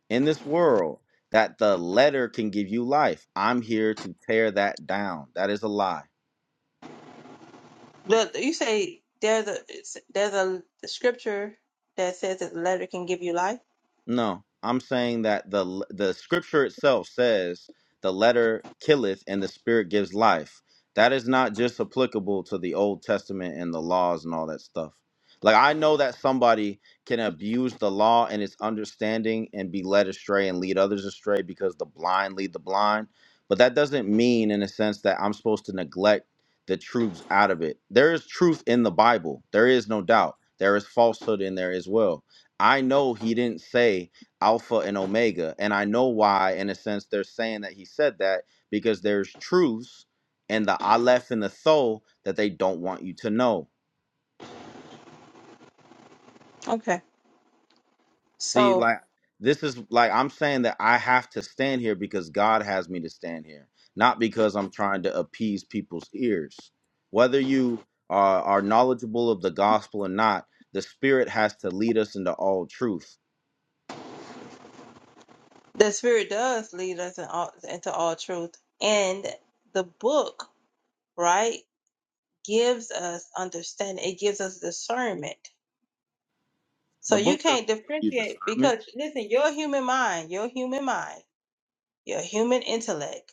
Speaker 2: in this world that the letter can give you life. I'm here to tear that down. That is a lie.
Speaker 5: The, you say there's a it's- there's a scripture that says that the letter can give you life.
Speaker 2: No, I'm saying that the the scripture itself says the letter killeth and the spirit gives life. That is not just applicable to the Old Testament and the laws and all that stuff. Like I know that somebody can abuse the law and its understanding and be led astray and lead others astray because the blind lead the blind, but that doesn't mean in a sense that I'm supposed to neglect the truths out of it. There is truth in the Bible. There is no doubt. There is falsehood in there as well I know he didn't say Alpha and Omega. And I know why, in a sense, they're saying that he said that because there's truths and the Aleph and the Tho that they don't want you to know.
Speaker 5: Okay.
Speaker 2: See,
Speaker 5: So
Speaker 2: like, this is like I'm saying that I have to stand here because God has me to stand here, not because I'm trying to appease people's ears. Whether you are, are knowledgeable of the gospel or not, the Spirit has to lead us into all truth.
Speaker 5: The Spirit does lead us in all, into all truth. And the book, right, gives us understanding, it gives us discernment. So
Speaker 2: The
Speaker 5: you
Speaker 2: book doesn't
Speaker 5: can't
Speaker 2: give you
Speaker 5: differentiate
Speaker 2: discernment.
Speaker 5: because, listen, your human mind, your human mind, your human intellect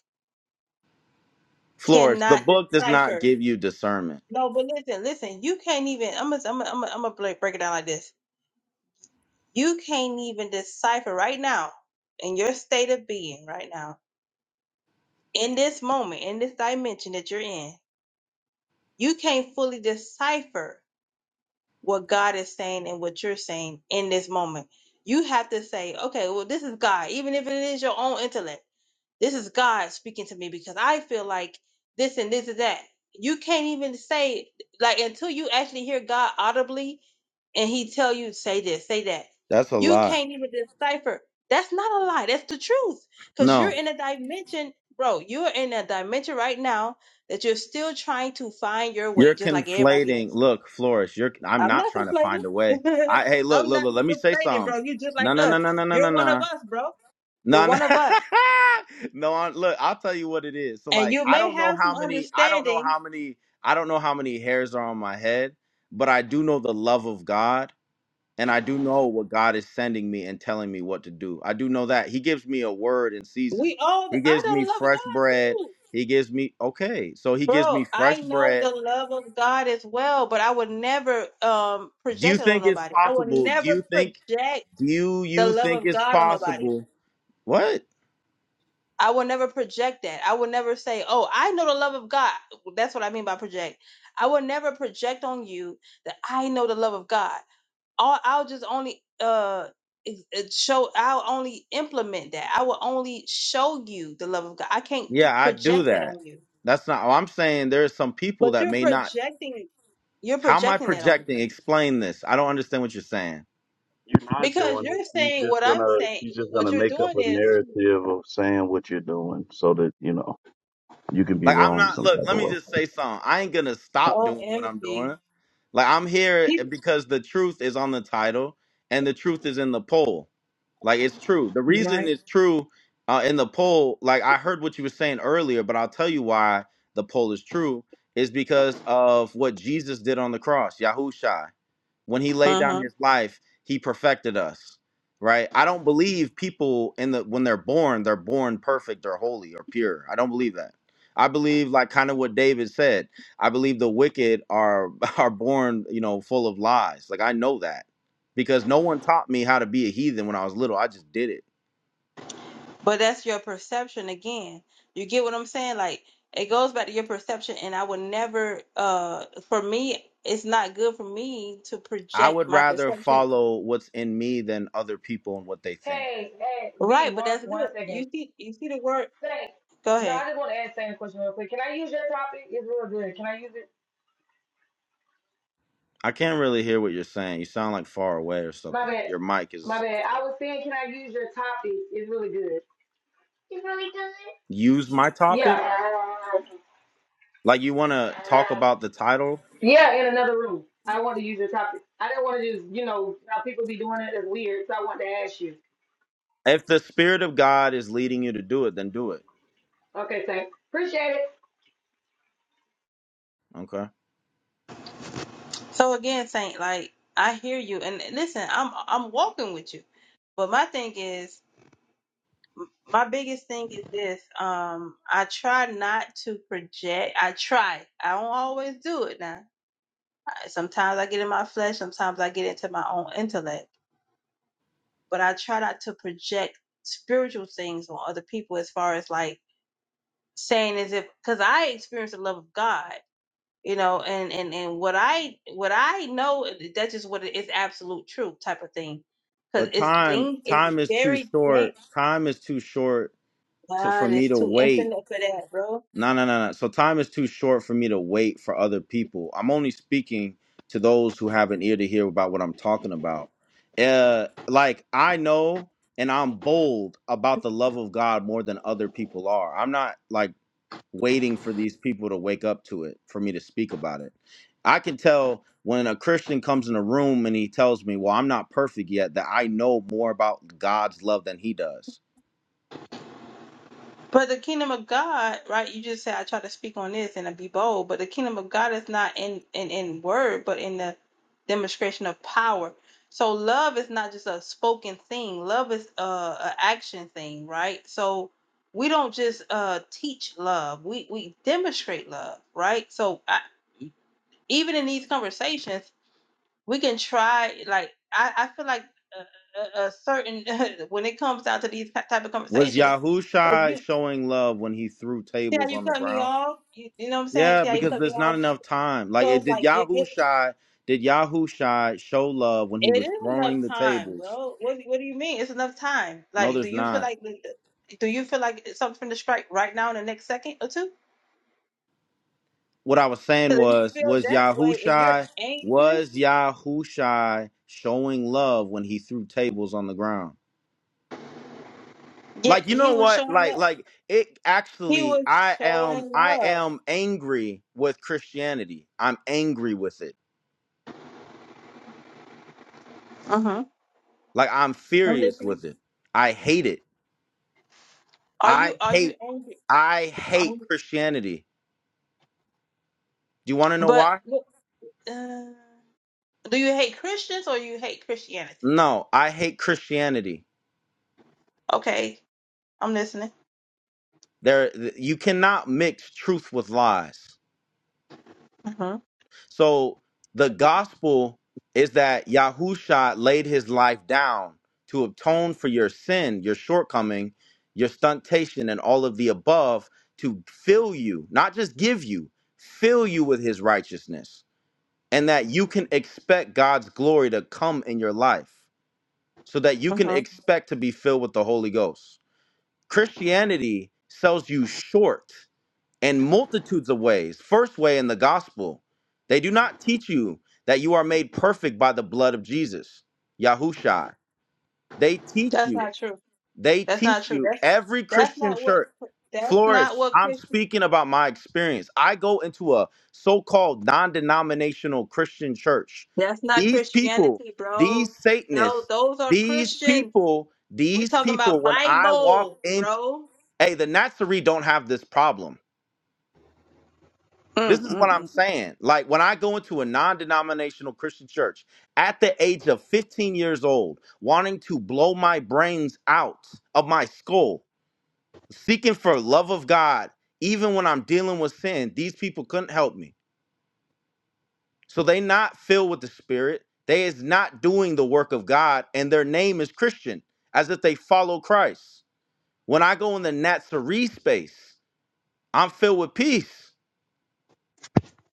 Speaker 2: Flores, the
Speaker 5: cannot
Speaker 2: book does not
Speaker 5: decipher.
Speaker 2: give you discernment.
Speaker 5: No, but listen, listen, you can't even, I'm going to I'm gonna, I'm gonna I'm break break it down like this. You can't even decipher right now in your state of being, right now, in this moment, in this dimension that you're in you can't fully decipher what God is saying and what you're saying in this moment. You have to say, okay, well, this is God, even if it is your own intellect. This is God speaking to me because I feel like this and this and that. You can't even say like until you actually hear God audibly and He tell you say this, say that.
Speaker 2: That's a
Speaker 5: You
Speaker 2: lie.
Speaker 5: can't even decipher. That's not a lie. That's the truth. Cause you're
Speaker 2: No,
Speaker 5: in a dimension, bro. You're in a dimension right now that you're still trying to find your way,
Speaker 2: you're
Speaker 5: just like everybody
Speaker 2: conflating.
Speaker 5: else.
Speaker 2: Look, Flores, you're. I'm
Speaker 5: I'm
Speaker 2: not
Speaker 5: not
Speaker 2: trying to
Speaker 5: conflating.
Speaker 2: find a way. I hey, look,
Speaker 5: I'm
Speaker 2: look,
Speaker 5: not
Speaker 2: look. Let me say
Speaker 5: conflating, bro.
Speaker 2: something.
Speaker 5: You're just
Speaker 2: No,
Speaker 5: like
Speaker 2: no,
Speaker 5: us.
Speaker 2: no, no, no, no, no, no,
Speaker 5: You're one of
Speaker 2: no.
Speaker 5: us, bro. You're
Speaker 2: No,
Speaker 5: one of us.
Speaker 2: No, I, look, I'll tell you what it is. So,
Speaker 5: and
Speaker 2: like,
Speaker 5: you
Speaker 2: I
Speaker 5: may
Speaker 2: don't know
Speaker 5: have
Speaker 2: how
Speaker 5: some
Speaker 2: many. I don't know
Speaker 5: understanding.
Speaker 2: how many. I don't know how many hairs are on my head, but I do know the love of God and I do know what God is sending me and telling me what to do. I do know that He gives me a word in season.
Speaker 5: We all,
Speaker 2: He
Speaker 5: I
Speaker 2: gives
Speaker 5: know
Speaker 2: me
Speaker 5: the love of
Speaker 2: fresh
Speaker 5: God
Speaker 2: bread.
Speaker 5: too,
Speaker 2: He gives me okay. So He gives
Speaker 5: bro.
Speaker 2: me fresh
Speaker 5: I know
Speaker 2: bread.
Speaker 5: the love of God as well, but I would never um
Speaker 2: Do you
Speaker 5: project it on
Speaker 2: think it's
Speaker 5: nobody. I would
Speaker 2: possible? Do
Speaker 5: never
Speaker 2: you think?
Speaker 5: project
Speaker 2: Do you
Speaker 5: the love
Speaker 2: think
Speaker 5: of
Speaker 2: it's
Speaker 5: God on nobody.
Speaker 2: possible? What?
Speaker 5: I would never project that. I would never say, "Oh, I know the love of God." That's what I mean by project. I would never project on you that I know the love of God. I'll, I'll just only uh ex- it show I'll only implement that. I will only show you the love of God. I can't
Speaker 2: Yeah, I do
Speaker 5: project that
Speaker 2: that.
Speaker 5: on you.
Speaker 2: That's not. Oh, I'm saying there are some people
Speaker 5: But
Speaker 2: that
Speaker 5: you're
Speaker 2: may not.
Speaker 5: projecting you're
Speaker 2: How am I
Speaker 5: projecting that on me
Speaker 2: projecting?
Speaker 5: right?
Speaker 2: Explain this. I don't understand what you're saying.
Speaker 6: You're not
Speaker 5: because
Speaker 6: doing it.
Speaker 5: you're
Speaker 6: He's
Speaker 5: saying
Speaker 6: just
Speaker 5: what
Speaker 6: gonna
Speaker 5: I'm saying.
Speaker 6: he's just
Speaker 5: What
Speaker 6: gonna
Speaker 5: you're
Speaker 6: make up
Speaker 5: doing
Speaker 6: a
Speaker 5: is
Speaker 6: narrative of saying what you're doing so that, you know, you can be
Speaker 2: Like I'm
Speaker 6: wrong
Speaker 2: not
Speaker 6: some
Speaker 2: look,
Speaker 6: type
Speaker 2: let
Speaker 6: of
Speaker 2: me
Speaker 6: way.
Speaker 2: just say something. I ain't gonna stop doing what I'm
Speaker 5: OMG.
Speaker 2: doing. Like I'm here eh,
Speaker 5: People,
Speaker 2: because the truth is on the title and the truth is in the poll. Like it's true. The
Speaker 5: right?
Speaker 2: reason it's true uh, in the poll, like I heard what you were saying earlier, but I'll tell you why the poll is true is because of what Jesus did on the cross, Yahusha when he laid
Speaker 5: Uh huh.
Speaker 2: down his life he perfected us right i don't believe people in the when they're born they're born perfect or holy or pure i don't believe that i believe like kind of what david said i believe the wicked are are born you know full of lies like i know that because no one taught me how to be a heathen when i was little i just did it
Speaker 5: But that's your perception again. You get what I'm saying? Like it goes back to your perception and I would never uh for me it's not good for me to
Speaker 2: i
Speaker 5: project
Speaker 2: would
Speaker 5: my
Speaker 2: rather
Speaker 5: perception.
Speaker 2: follow what's in me than other people and what they think
Speaker 7: Hey, hey, V,
Speaker 5: Right, but
Speaker 7: one
Speaker 5: that's
Speaker 7: one
Speaker 5: good. You
Speaker 7: second.
Speaker 5: see you see the word
Speaker 7: Say,
Speaker 5: go
Speaker 7: no,
Speaker 5: ahead.
Speaker 7: I just want to ask Sam a question real quick. Can I use your topic? It's real good. Can I use it?
Speaker 2: i can't really hear what you're saying you sound like far away or
Speaker 7: My
Speaker 2: something
Speaker 7: bad.
Speaker 2: your mic
Speaker 7: My
Speaker 2: is
Speaker 7: bad. I was saying, can I use your topic? It's really good. It's really good?
Speaker 2: use my topic
Speaker 7: Yeah.
Speaker 2: Like you want to talk about the title?
Speaker 7: Yeah, in another room. I want to use your topic. I didn't want to just, you know, how people be doing it. It's weird. So I wanted to ask you.
Speaker 2: If the spirit of God is leading you to do it, then do it.
Speaker 7: Okay, Sam. Appreciate it.
Speaker 2: Okay.
Speaker 5: So again, Saint, like I hear you and listen, I'm I'm walking with you. But my thing is my biggest thing is this. Um I try not to project. I try. I don't always do it now Sometimes I get in my flesh, sometimes I get into my own intellect, but I try not to project spiritual things on other people as far as like saying as if because I experience the love of God, you know, and and and what I what I know that's just what it is absolute truth type of thing. Cause
Speaker 2: But
Speaker 5: it's
Speaker 2: time
Speaker 5: thing it's
Speaker 2: time is too
Speaker 5: very dang
Speaker 2: short. Time is too short to for
Speaker 5: God
Speaker 2: me
Speaker 5: is
Speaker 2: to
Speaker 5: too
Speaker 2: wait.
Speaker 5: infinite for that, bro.
Speaker 2: No, no, no, no. So time is too short for me to wait for other people. I'm only speaking to those who have an ear to hear about what I'm talking about. Uh like I know and I'm bold about the love of God more than other people are. I'm not like waiting for these people to wake up to it for me to speak about it. I can tell when a Christian comes in a room and he tells me, "Well, I'm not perfect yet," that I know more about God's love than he does.
Speaker 5: But the kingdom of God, right? You just said I try to speak on this and I be bold, but the kingdom of God is not in in in word, but in the demonstration of power. So love is not just a spoken thing. Love is a, a action thing, right? So we don't just uh teach love. We we demonstrate love, right? So I, even in these conversations, we can try. Like I, I feel like a, a a certain when it comes down to these type of
Speaker 2: Was
Speaker 5: conversations if
Speaker 2: Yahusha
Speaker 5: you
Speaker 2: showing love when he threw
Speaker 5: See how
Speaker 2: tables
Speaker 5: you
Speaker 2: on the
Speaker 5: cut me
Speaker 2: ground?
Speaker 5: off? You, you know what I'm saying?
Speaker 2: Yeah,
Speaker 5: See how you
Speaker 2: because
Speaker 5: cut me
Speaker 2: there's not
Speaker 5: off?
Speaker 2: enough time. Like,
Speaker 5: So
Speaker 2: it,
Speaker 5: it's
Speaker 2: did
Speaker 5: like you get
Speaker 2: Yahusha did Yahusha show love when he
Speaker 5: it
Speaker 2: was
Speaker 5: is
Speaker 2: throwing
Speaker 5: enough
Speaker 2: the
Speaker 5: time,
Speaker 2: tables?
Speaker 5: bro. What do- what do you mean? It's enough time.
Speaker 2: No,
Speaker 5: Like, do
Speaker 2: there's
Speaker 5: you feel
Speaker 2: not.
Speaker 5: like do you feel like it's something to strike right now in the next second or two?
Speaker 2: what I was saying
Speaker 5: Because if you
Speaker 2: was,
Speaker 5: feel
Speaker 2: was
Speaker 5: that way, if you're
Speaker 2: Yahushai,
Speaker 5: anxious,
Speaker 2: was Yahushai showing love when he threw tables on the ground?
Speaker 5: yeah,
Speaker 2: Like, you
Speaker 5: he
Speaker 2: know
Speaker 5: was
Speaker 2: what?
Speaker 5: showing
Speaker 2: Like,
Speaker 5: love.
Speaker 2: like it
Speaker 5: He
Speaker 2: actually,
Speaker 5: was
Speaker 2: I am,
Speaker 5: showing
Speaker 2: I
Speaker 5: love.
Speaker 2: am angry with Christianity. I'm angry with it.
Speaker 5: Uh huh.
Speaker 2: Like, I'm
Speaker 5: I'm
Speaker 2: furious
Speaker 5: listening.
Speaker 2: with it. I hate it.
Speaker 5: Are you
Speaker 2: I
Speaker 5: are you
Speaker 2: hate,
Speaker 5: angry?
Speaker 2: I
Speaker 5: Are
Speaker 2: hate
Speaker 5: you-
Speaker 2: Christianity. Do you want to know
Speaker 5: but
Speaker 2: why?
Speaker 5: look, uh, do you hate Christians or you hate Christianity?
Speaker 2: No, I hate Christianity.
Speaker 5: Okay, I'm listening.
Speaker 2: There, you cannot mix truth with lies.
Speaker 5: Mm-hmm.
Speaker 2: So the gospel is that Yahusha laid his life down to atone for your sin, your shortcoming, your stuntation, and all of the above to fill you, not just give you, fill you with his righteousness. And that you can expect God's glory to come in your life so that you can expect to be filled with the Holy Ghost. Christianity sells you short in multitudes of ways. First way in the gospel, they do not teach you that you are made perfect by the blood of Jesus, Yahushua. They teach
Speaker 5: That's
Speaker 2: you,
Speaker 5: not true.
Speaker 2: they
Speaker 5: That's not
Speaker 2: teach
Speaker 5: true.
Speaker 2: you
Speaker 5: That's
Speaker 2: every
Speaker 5: that's
Speaker 2: Christian
Speaker 5: not what
Speaker 2: church.
Speaker 5: that's
Speaker 2: Flourish,
Speaker 5: not what
Speaker 2: I'm
Speaker 5: Christian
Speaker 2: speaking about my experience. I go into a so called non denominational Christian church.
Speaker 5: that's not
Speaker 2: These people,
Speaker 5: Christianity, bro.
Speaker 2: these
Speaker 5: No,
Speaker 2: Satanists,
Speaker 5: those are
Speaker 2: these
Speaker 5: Christians.
Speaker 2: people,
Speaker 5: We
Speaker 2: these
Speaker 5: talking
Speaker 2: people,
Speaker 5: about
Speaker 2: when I walk
Speaker 5: Bible,
Speaker 2: in,
Speaker 5: bro.
Speaker 2: hey, the Nazarene don't have this problem This
Speaker 5: Mm,
Speaker 2: is what
Speaker 5: mm,
Speaker 2: I'm
Speaker 5: mm.
Speaker 2: saying. Like when I go into a non denominational Christian church at the age of 15 years old, wanting to blow my brains out of my skull, seeking for love of God, even when I'm dealing with sin, these people couldn't help me. So they not filled with the spirit. They is not doing the work of God and their name is Christian as if they follow Christ. When I go in the Nazarene space, I'm filled with peace.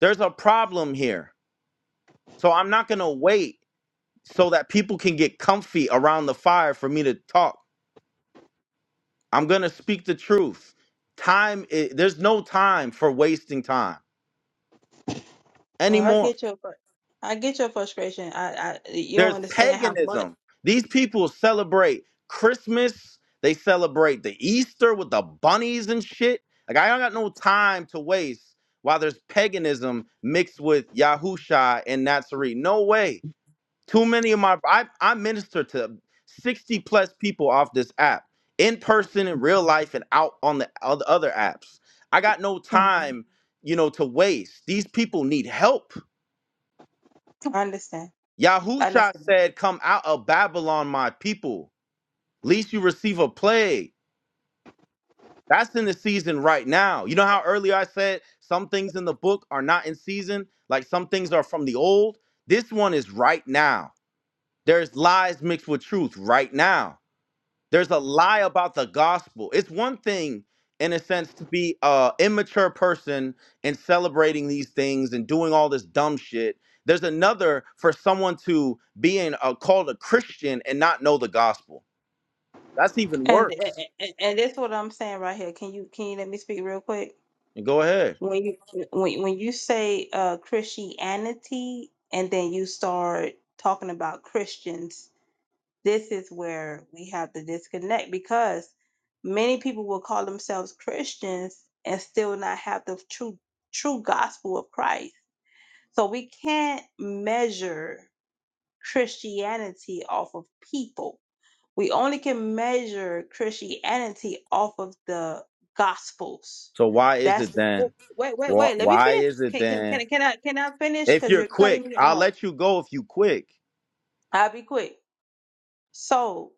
Speaker 2: There's a problem here. So I'm not going to wait so that people can get comfy around the fire for me to talk. I'm going to speak the truth. Time i- there's no time for wasting time
Speaker 5: Bro, I
Speaker 2: anymore.
Speaker 5: get your fr- I get your frustration. I, I you don't
Speaker 2: There's
Speaker 5: understand how much.
Speaker 2: paganism. These people celebrate Christmas, they celebrate the Easter with the bunnies and shit. Like I don't got no time to waste while there's paganism mixed with Yahusha and Nazarene. No way. Too many of my I, I minister to 60 plus people off this app in person in real life and out on the on the other apps. I got no
Speaker 5: Mhm.
Speaker 2: time, you know, to waste. These people need help.
Speaker 5: I understand. I
Speaker 2: Yahusha
Speaker 5: understand.
Speaker 2: said, Come out of Babylon, my people, least you receive a plague. That's in the season right now. You know how earlier I said some things in the book are not in season, like some things are from the old? This one is right now. There's lies mixed with truth right now. There's a lie about the gospel. It's one thing, in a sense, to be a immature person and celebrating these things and doing all this dumb shit. There's another for someone to being uh, called a Christian and not know the gospel. That's even
Speaker 5: And, and
Speaker 2: worse.
Speaker 5: and and this is what I'm saying right here. Can you can you let me speak real quick?
Speaker 2: And go ahead.
Speaker 5: when you when when you say uh Christianity and then you start talking about Christians, this is where we have to disconnect because many people will call themselves Christians and still not have the true true gospel of Christ. So we can't measure Christianity off of people we only can measure Christianity off of the Gospels.
Speaker 2: So why is
Speaker 5: That's
Speaker 2: it
Speaker 5: the
Speaker 2: then?
Speaker 5: wait, wait,
Speaker 2: Why,
Speaker 5: wait. Let me
Speaker 2: why
Speaker 5: finish.
Speaker 2: is it
Speaker 5: Can can
Speaker 2: then?
Speaker 5: can, can I can I finish?
Speaker 2: If
Speaker 5: Because
Speaker 2: you're
Speaker 5: you're cutting
Speaker 2: quick,
Speaker 5: me
Speaker 2: I'll
Speaker 5: off.
Speaker 2: let you go if you quick.
Speaker 5: I'll be quick. So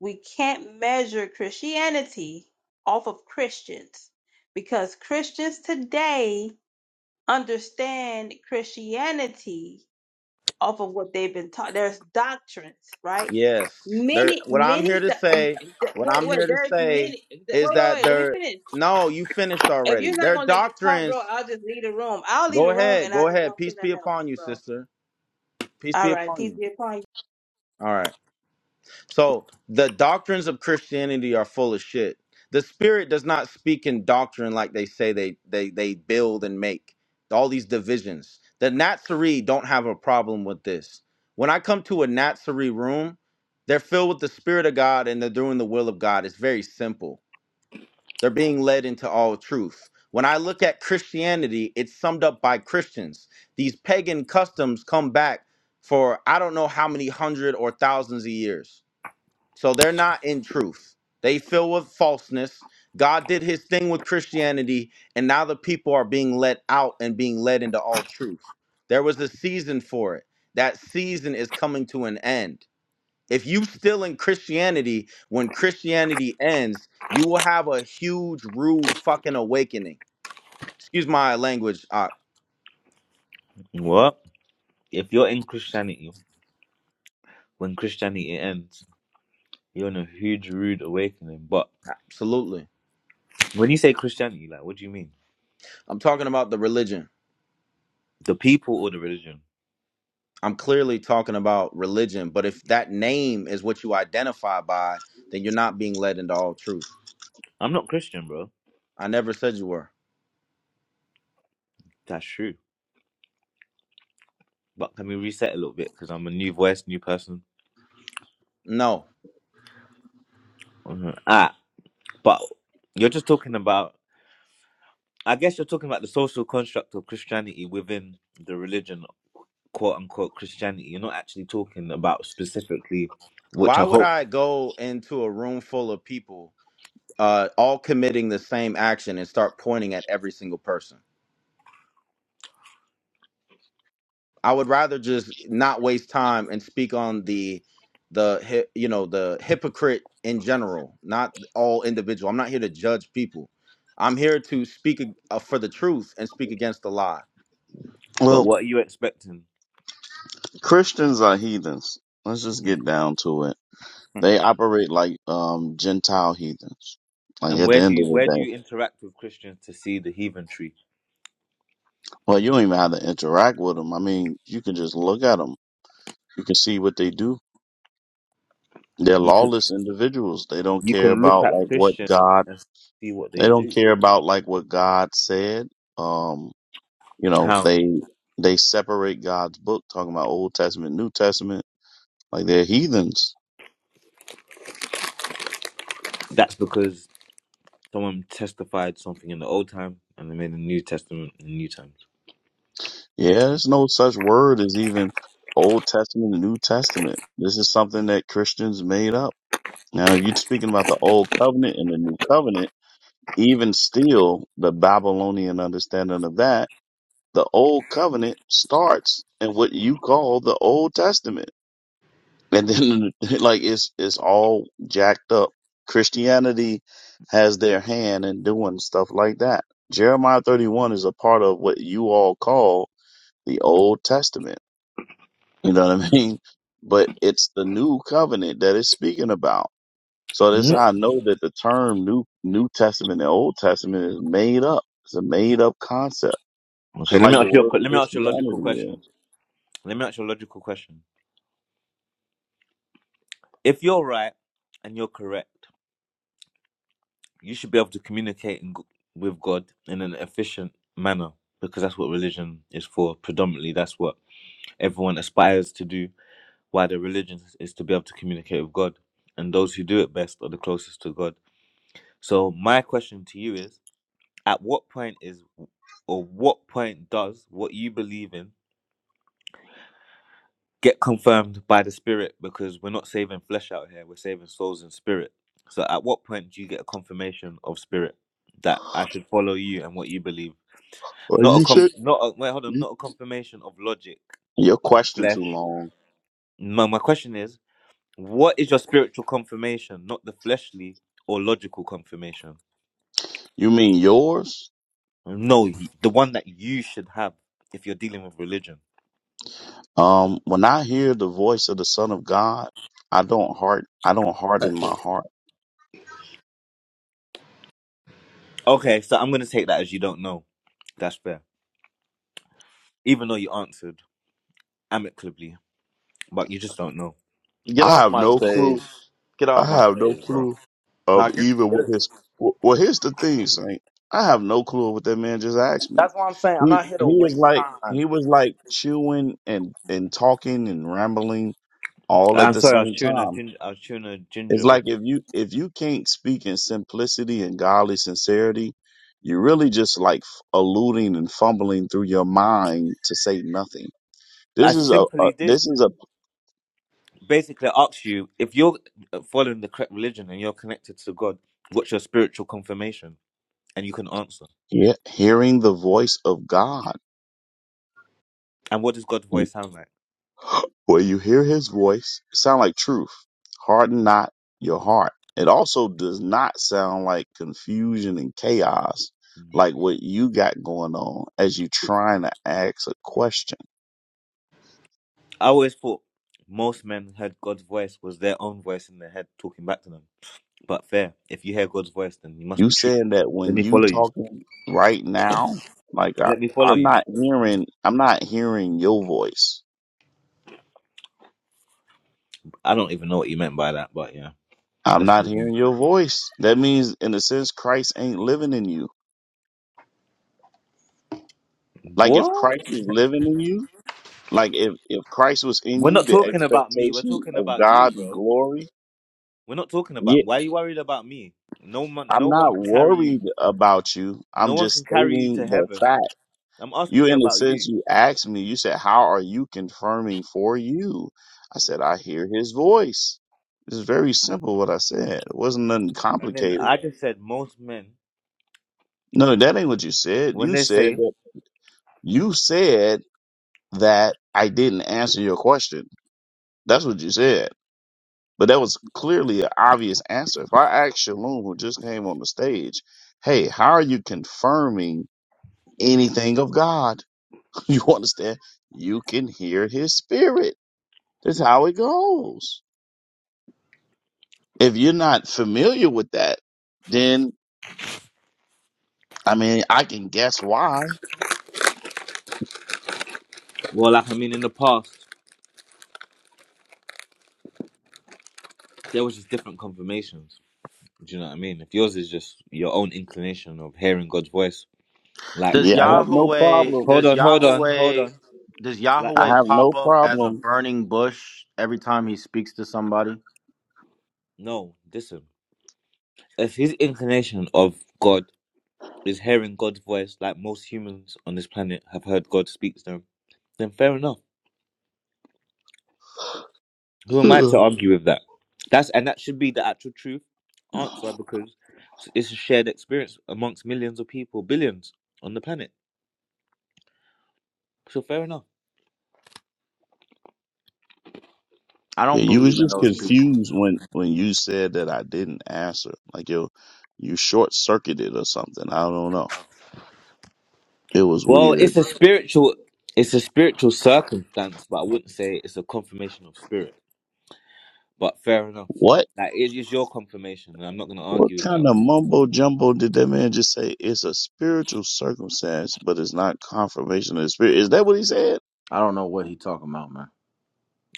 Speaker 5: we can't measure Christianity off of Christians because Christians today understand Christianity off of what they've been taught. There's doctrines, right?
Speaker 2: Yes. There
Speaker 5: Many,
Speaker 2: what I'm
Speaker 5: many.
Speaker 2: here to
Speaker 5: Th-
Speaker 2: say,
Speaker 5: th-
Speaker 2: what
Speaker 5: wait,
Speaker 2: I'm
Speaker 5: wait.
Speaker 2: here to
Speaker 5: There's
Speaker 2: say
Speaker 5: many. th- Wait,
Speaker 2: is
Speaker 5: wait,
Speaker 2: that
Speaker 5: wait. Let me
Speaker 2: they're
Speaker 5: finish.
Speaker 2: no, you finished
Speaker 5: If
Speaker 2: already.
Speaker 5: you're not
Speaker 2: Their
Speaker 5: gonna let me talk,
Speaker 2: doctrines
Speaker 5: bro, I'll just leave the room. I'll leave
Speaker 2: go
Speaker 5: the room,
Speaker 2: ahead,
Speaker 5: and I
Speaker 2: go
Speaker 5: just
Speaker 2: ahead.
Speaker 5: won't
Speaker 2: Peace
Speaker 5: say
Speaker 2: be
Speaker 5: nothing
Speaker 2: upon
Speaker 5: else,
Speaker 2: you,
Speaker 5: bro.
Speaker 2: sister. Peace be
Speaker 5: All right.
Speaker 2: upon
Speaker 5: Peace
Speaker 2: you.
Speaker 5: be upon you.
Speaker 2: All right. So the doctrines of Christianity are full of shit. The spirit does not speak in doctrine like they say they they they build and make all these divisions. The Natsari don't have a problem with this. When I come to a Natsari room, they're filled with the spirit of God and they're doing the will of God. It's very simple. They're being led into all truth. When I look at Christianity, it's summed up by Christians. These pagan customs come back for I don't know how many hundred or thousands of years so they're not in truth. They fill with falseness. God did his thing with Christianity, and now the people are being let out and being led into all truth. There was a season for it. That season is coming to an end. If you still in Christianity, when Christianity ends, you will have a huge, rude fucking awakening. Excuse my language. Uh,
Speaker 8: What? If you're in Christianity, when Christianity ends, you're in a huge rude awakening. But
Speaker 2: absolutely.
Speaker 8: when you say Christianity, like, what do you mean?
Speaker 2: I'm talking about the religion.
Speaker 8: The people or the religion?
Speaker 2: I'm clearly talking about religion, but if that name is what you identify by, then you're not being led into all truth.
Speaker 8: I'm not Christian, bro.
Speaker 2: I never said you were.
Speaker 8: That's true. But can we reset a little bit? Because I'm a new voice, new person.
Speaker 2: No.
Speaker 8: Mhm. Ah, but you're just talking about, I guess you're talking about the social construct of Christianity within the religion, quote unquote Christianity. You're not actually talking about specifically, which
Speaker 2: Why
Speaker 8: I
Speaker 2: would
Speaker 8: hope,
Speaker 2: I go into a room full of people uh, all committing the same action and start pointing at every single person? I would rather just not waste time and speak on the the hy- you know the hypocrite in general, not all individual. I'm not here to judge people. I'm here to speak ag- uh, for the truth and speak against the lie.
Speaker 8: but
Speaker 6: Well,
Speaker 8: what are you expecting?
Speaker 6: Christians are heathens. Let's just get down to it. They operate like um Gentile heathens. Like
Speaker 8: And
Speaker 6: at the
Speaker 8: where do
Speaker 6: end of
Speaker 8: you
Speaker 6: the
Speaker 8: where do
Speaker 6: day.
Speaker 8: you interact with Christians to see the heathen tree?
Speaker 6: Well, you don't even have to interact with them. I mean, you can just look at them. You can see what they do. They're
Speaker 8: You can
Speaker 6: lawless individuals. They don't
Speaker 8: you
Speaker 6: care
Speaker 8: can look
Speaker 6: about
Speaker 8: at
Speaker 6: like what
Speaker 8: Christians
Speaker 6: God
Speaker 8: and see what
Speaker 6: they
Speaker 8: they
Speaker 6: don't
Speaker 8: do.
Speaker 6: care about like what God said. Um. You know,
Speaker 8: How?
Speaker 6: they they separate God's book, talking about Old Testament, New Testament, like they're heathens.
Speaker 8: That's because someone testified something in the old time and they made a New Testament in New times.
Speaker 6: Yeah, there's no such word as even Old Testament and New Testament. This is something that Christians made up. Now, if you're speaking about the Old Covenant and the New Covenant, even still, the Babylonian understanding of that, the Old Covenant starts in what you call the Old Testament. and then like it's it's all jacked up. Christianity has their hand in doing stuff like that. Jeremiah 31 is a part of what you all call the Old Testament. You know what I mean? But it's the new covenant that it's speaking about. So this
Speaker 8: Mm.
Speaker 6: I know that the term new New Testament and Old Testament is made up. It's a made up concept.
Speaker 8: Okay,
Speaker 6: Just
Speaker 8: let me
Speaker 6: like the
Speaker 8: ask you a,
Speaker 6: word
Speaker 8: que- let me ask you a logical
Speaker 6: Christianity
Speaker 8: question.
Speaker 6: is.
Speaker 8: Let me ask you a logical question. If you're right and you're correct, you should be able to communicate in, g- with God in an efficient manner because that's what religion is for. Predominantly, that's what everyone aspires to do why the religion is to be able to communicate with God. And those who do it best are the closest to God. So my question to you is at what point is or what point does what you believe in get confirmed by the spirit? Because we're not saving flesh out here, we're saving souls and spirit. So at what point do you get a confirmation of spirit that I should follow you and what you believe?
Speaker 6: Well
Speaker 8: Not a
Speaker 6: you
Speaker 8: com
Speaker 6: should
Speaker 8: not a, wait, hold on,
Speaker 6: you,
Speaker 8: not a confirmation of logic
Speaker 6: your
Speaker 8: and
Speaker 6: question too
Speaker 8: flesh.
Speaker 6: long.
Speaker 8: My my question is What is your spiritual confirmation? Not the fleshly or logical confirmation.
Speaker 6: You mean yours?
Speaker 8: No, y- the one that you should have if you're dealing with religion.
Speaker 6: Um, when I hear the voice of the Son of God, I don't heart, I don't harden my heart.
Speaker 8: Okay, so I'm going to take that as you don't know. That's fair. Even though you answered amicably, but you just don't know.
Speaker 2: Get
Speaker 6: I
Speaker 2: off
Speaker 6: have
Speaker 2: my
Speaker 6: no clue.
Speaker 2: stage. Get
Speaker 6: I
Speaker 2: off my
Speaker 6: have no
Speaker 2: stage, bro.
Speaker 6: clue
Speaker 2: Now
Speaker 6: of
Speaker 2: get
Speaker 6: even
Speaker 2: get
Speaker 6: what
Speaker 2: it.
Speaker 6: his. Well, here's the thing, Saint. I have no clue what that man just asked me.
Speaker 2: That's what I'm saying. I'm
Speaker 6: He
Speaker 2: not here to
Speaker 6: he was
Speaker 2: waste
Speaker 6: like
Speaker 2: time.
Speaker 6: he was like chewing and and talking and rambling all at
Speaker 8: I'm
Speaker 6: the
Speaker 8: sorry, I was
Speaker 6: same
Speaker 8: chewing a
Speaker 6: time.
Speaker 8: ginger. I was chewing a
Speaker 6: It's
Speaker 8: ginger bit.
Speaker 6: like if you if you can't speak in simplicity and godly sincerity, you're really just like f- alluding and fumbling through your mind to say nothing.
Speaker 8: I
Speaker 6: This is a, a
Speaker 8: simply did.
Speaker 6: this is a
Speaker 8: Basically, I asked you if you're uh, following the correct religion and you're connected to God. What's your spiritual confirmation? And you can answer.
Speaker 6: he- hearing the voice of God.
Speaker 8: And what does God's voice sound like?
Speaker 6: Where you hear His voice, it sound like truth. Harden not your heart. It also does not sound like confusion and chaos, like what you got going on as you trying to ask a question.
Speaker 8: I always thought most men had God's voice was their own voice in their head talking back to them. But fair, if you hear God's voice, then you must
Speaker 6: You
Speaker 8: be true.
Speaker 6: saying that
Speaker 8: Let
Speaker 6: when
Speaker 8: me
Speaker 6: you
Speaker 8: follow you.
Speaker 6: talking right now, like I,
Speaker 8: Let me follow
Speaker 6: I'm
Speaker 8: you.
Speaker 6: not hearing, I'm not hearing your voice.
Speaker 8: I don't even know what you meant by that, but yeah,
Speaker 6: I'm
Speaker 8: let's
Speaker 6: not
Speaker 8: move on.
Speaker 6: hearing your voice. That means, in a sense, Christ ain't living in you. Like if
Speaker 8: What?
Speaker 6: Christ was living in you, like if if Christ was in
Speaker 8: We're
Speaker 6: you,
Speaker 8: not
Speaker 6: the
Speaker 8: talking about me. We're
Speaker 6: expectation
Speaker 8: talking
Speaker 6: of
Speaker 8: about you,
Speaker 6: God's
Speaker 8: bro.
Speaker 6: glory.
Speaker 8: We're not talking about.
Speaker 6: Yeah,
Speaker 8: Why are you worried about me? No one,
Speaker 6: I'm
Speaker 8: no one
Speaker 6: not
Speaker 8: can carry you.
Speaker 6: worried about you.
Speaker 8: No
Speaker 6: I'm
Speaker 8: one
Speaker 6: just
Speaker 8: can carry you
Speaker 6: stating
Speaker 8: to
Speaker 6: the
Speaker 8: heaven.
Speaker 6: fact.
Speaker 8: I'm
Speaker 6: You,
Speaker 8: asking you
Speaker 6: in a
Speaker 8: about
Speaker 6: sense,
Speaker 8: you.
Speaker 6: you asked me, you said, How are you confirming for you? I said, I hear his voice. It's very simple what I said. It wasn't nothing
Speaker 8: And then
Speaker 6: complicated.
Speaker 8: I just said most men
Speaker 6: No, that ain't what you said.
Speaker 8: when
Speaker 6: You
Speaker 8: they
Speaker 6: said
Speaker 8: say,
Speaker 6: that you said that I didn't answer your question. That's what you said. But that was clearly an obvious answer. If I asked Shalom, who just came on the stage, hey, how are you confirming anything of God? You understand? You can hear his spirit. That's how it goes. If you're not familiar with that, then I mean, I can guess why.
Speaker 8: well, like I mean, in the past there was just different confirmations Do you know what I mean? If yours is just your own inclination of hearing God's voice, like
Speaker 2: Does
Speaker 6: Yeah, I
Speaker 8: most.
Speaker 6: have no
Speaker 2: Yahweh
Speaker 6: problem.
Speaker 8: Hold
Speaker 2: does
Speaker 8: on, hold on, hold
Speaker 2: Yahweh
Speaker 8: on.
Speaker 2: does
Speaker 8: Like,
Speaker 6: I
Speaker 2: Yahweh
Speaker 6: have
Speaker 2: pop
Speaker 6: no
Speaker 2: up as a
Speaker 6: problem.
Speaker 2: burning bush every time he speaks to somebody?
Speaker 8: no, listen. If his inclination of God is hearing God's voice, like most humans on this planet have heard God speak to them, then fair enough. Who am I
Speaker 6: Ugh.
Speaker 8: to argue with that? That's and that should be the actual truth answer because it's a shared experience amongst millions of people, billions on the planet. So fair enough.
Speaker 2: I
Speaker 6: Yeah,
Speaker 2: don't
Speaker 6: you
Speaker 2: believe
Speaker 6: was
Speaker 2: in
Speaker 6: just
Speaker 2: those people.
Speaker 6: confused when when you said that I didn't answer. Like you, you short circuited or something. I don't know. It was
Speaker 8: Well,
Speaker 6: weird.
Speaker 8: it's a spiritual, it's a spiritual circumstance, but I wouldn't say it's a confirmation of spirit. But fair enough.
Speaker 6: What?
Speaker 8: That is is your confirmation, and I'm not going to
Speaker 6: What
Speaker 8: argue with that.
Speaker 6: kind of mumbo jumbo did that man just say? It's a spiritual circumstance, but it's not confirmation of the spirit. Is that what he said?
Speaker 2: I don't know what he talking about, man.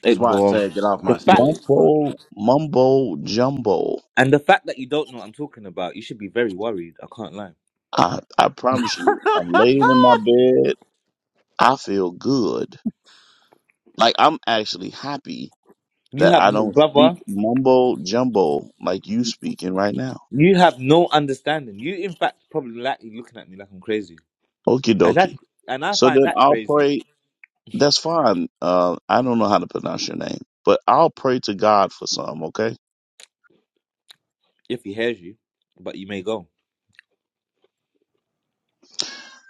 Speaker 2: This is
Speaker 8: It,
Speaker 2: why I
Speaker 8: well,
Speaker 2: say, get off
Speaker 8: the
Speaker 2: my
Speaker 8: fact
Speaker 2: stage, but
Speaker 6: Mumbo, mumbo jumbo.
Speaker 8: and the fact that you don't know what I'm talking about, you should be very worried. I can't lie.
Speaker 6: I, I promise you, I'm laying in my bed. I feel good. Like I'm actually happy
Speaker 8: You
Speaker 6: that
Speaker 8: have,
Speaker 6: I don't
Speaker 8: brother,
Speaker 6: speak mumbo jumbo like you speaking right now.
Speaker 8: you have no understanding. You, in fact, probably likely looking at me like I'm crazy,
Speaker 6: Okie
Speaker 8: and that's
Speaker 6: dokie.
Speaker 8: and I
Speaker 6: So
Speaker 8: find
Speaker 6: then
Speaker 8: that
Speaker 6: I'll
Speaker 8: crazy
Speaker 6: pray. That's fine. Uh, I don't know how to pronounce your name, but I'll pray to God for some, okay?
Speaker 8: if he hears you. But you may go.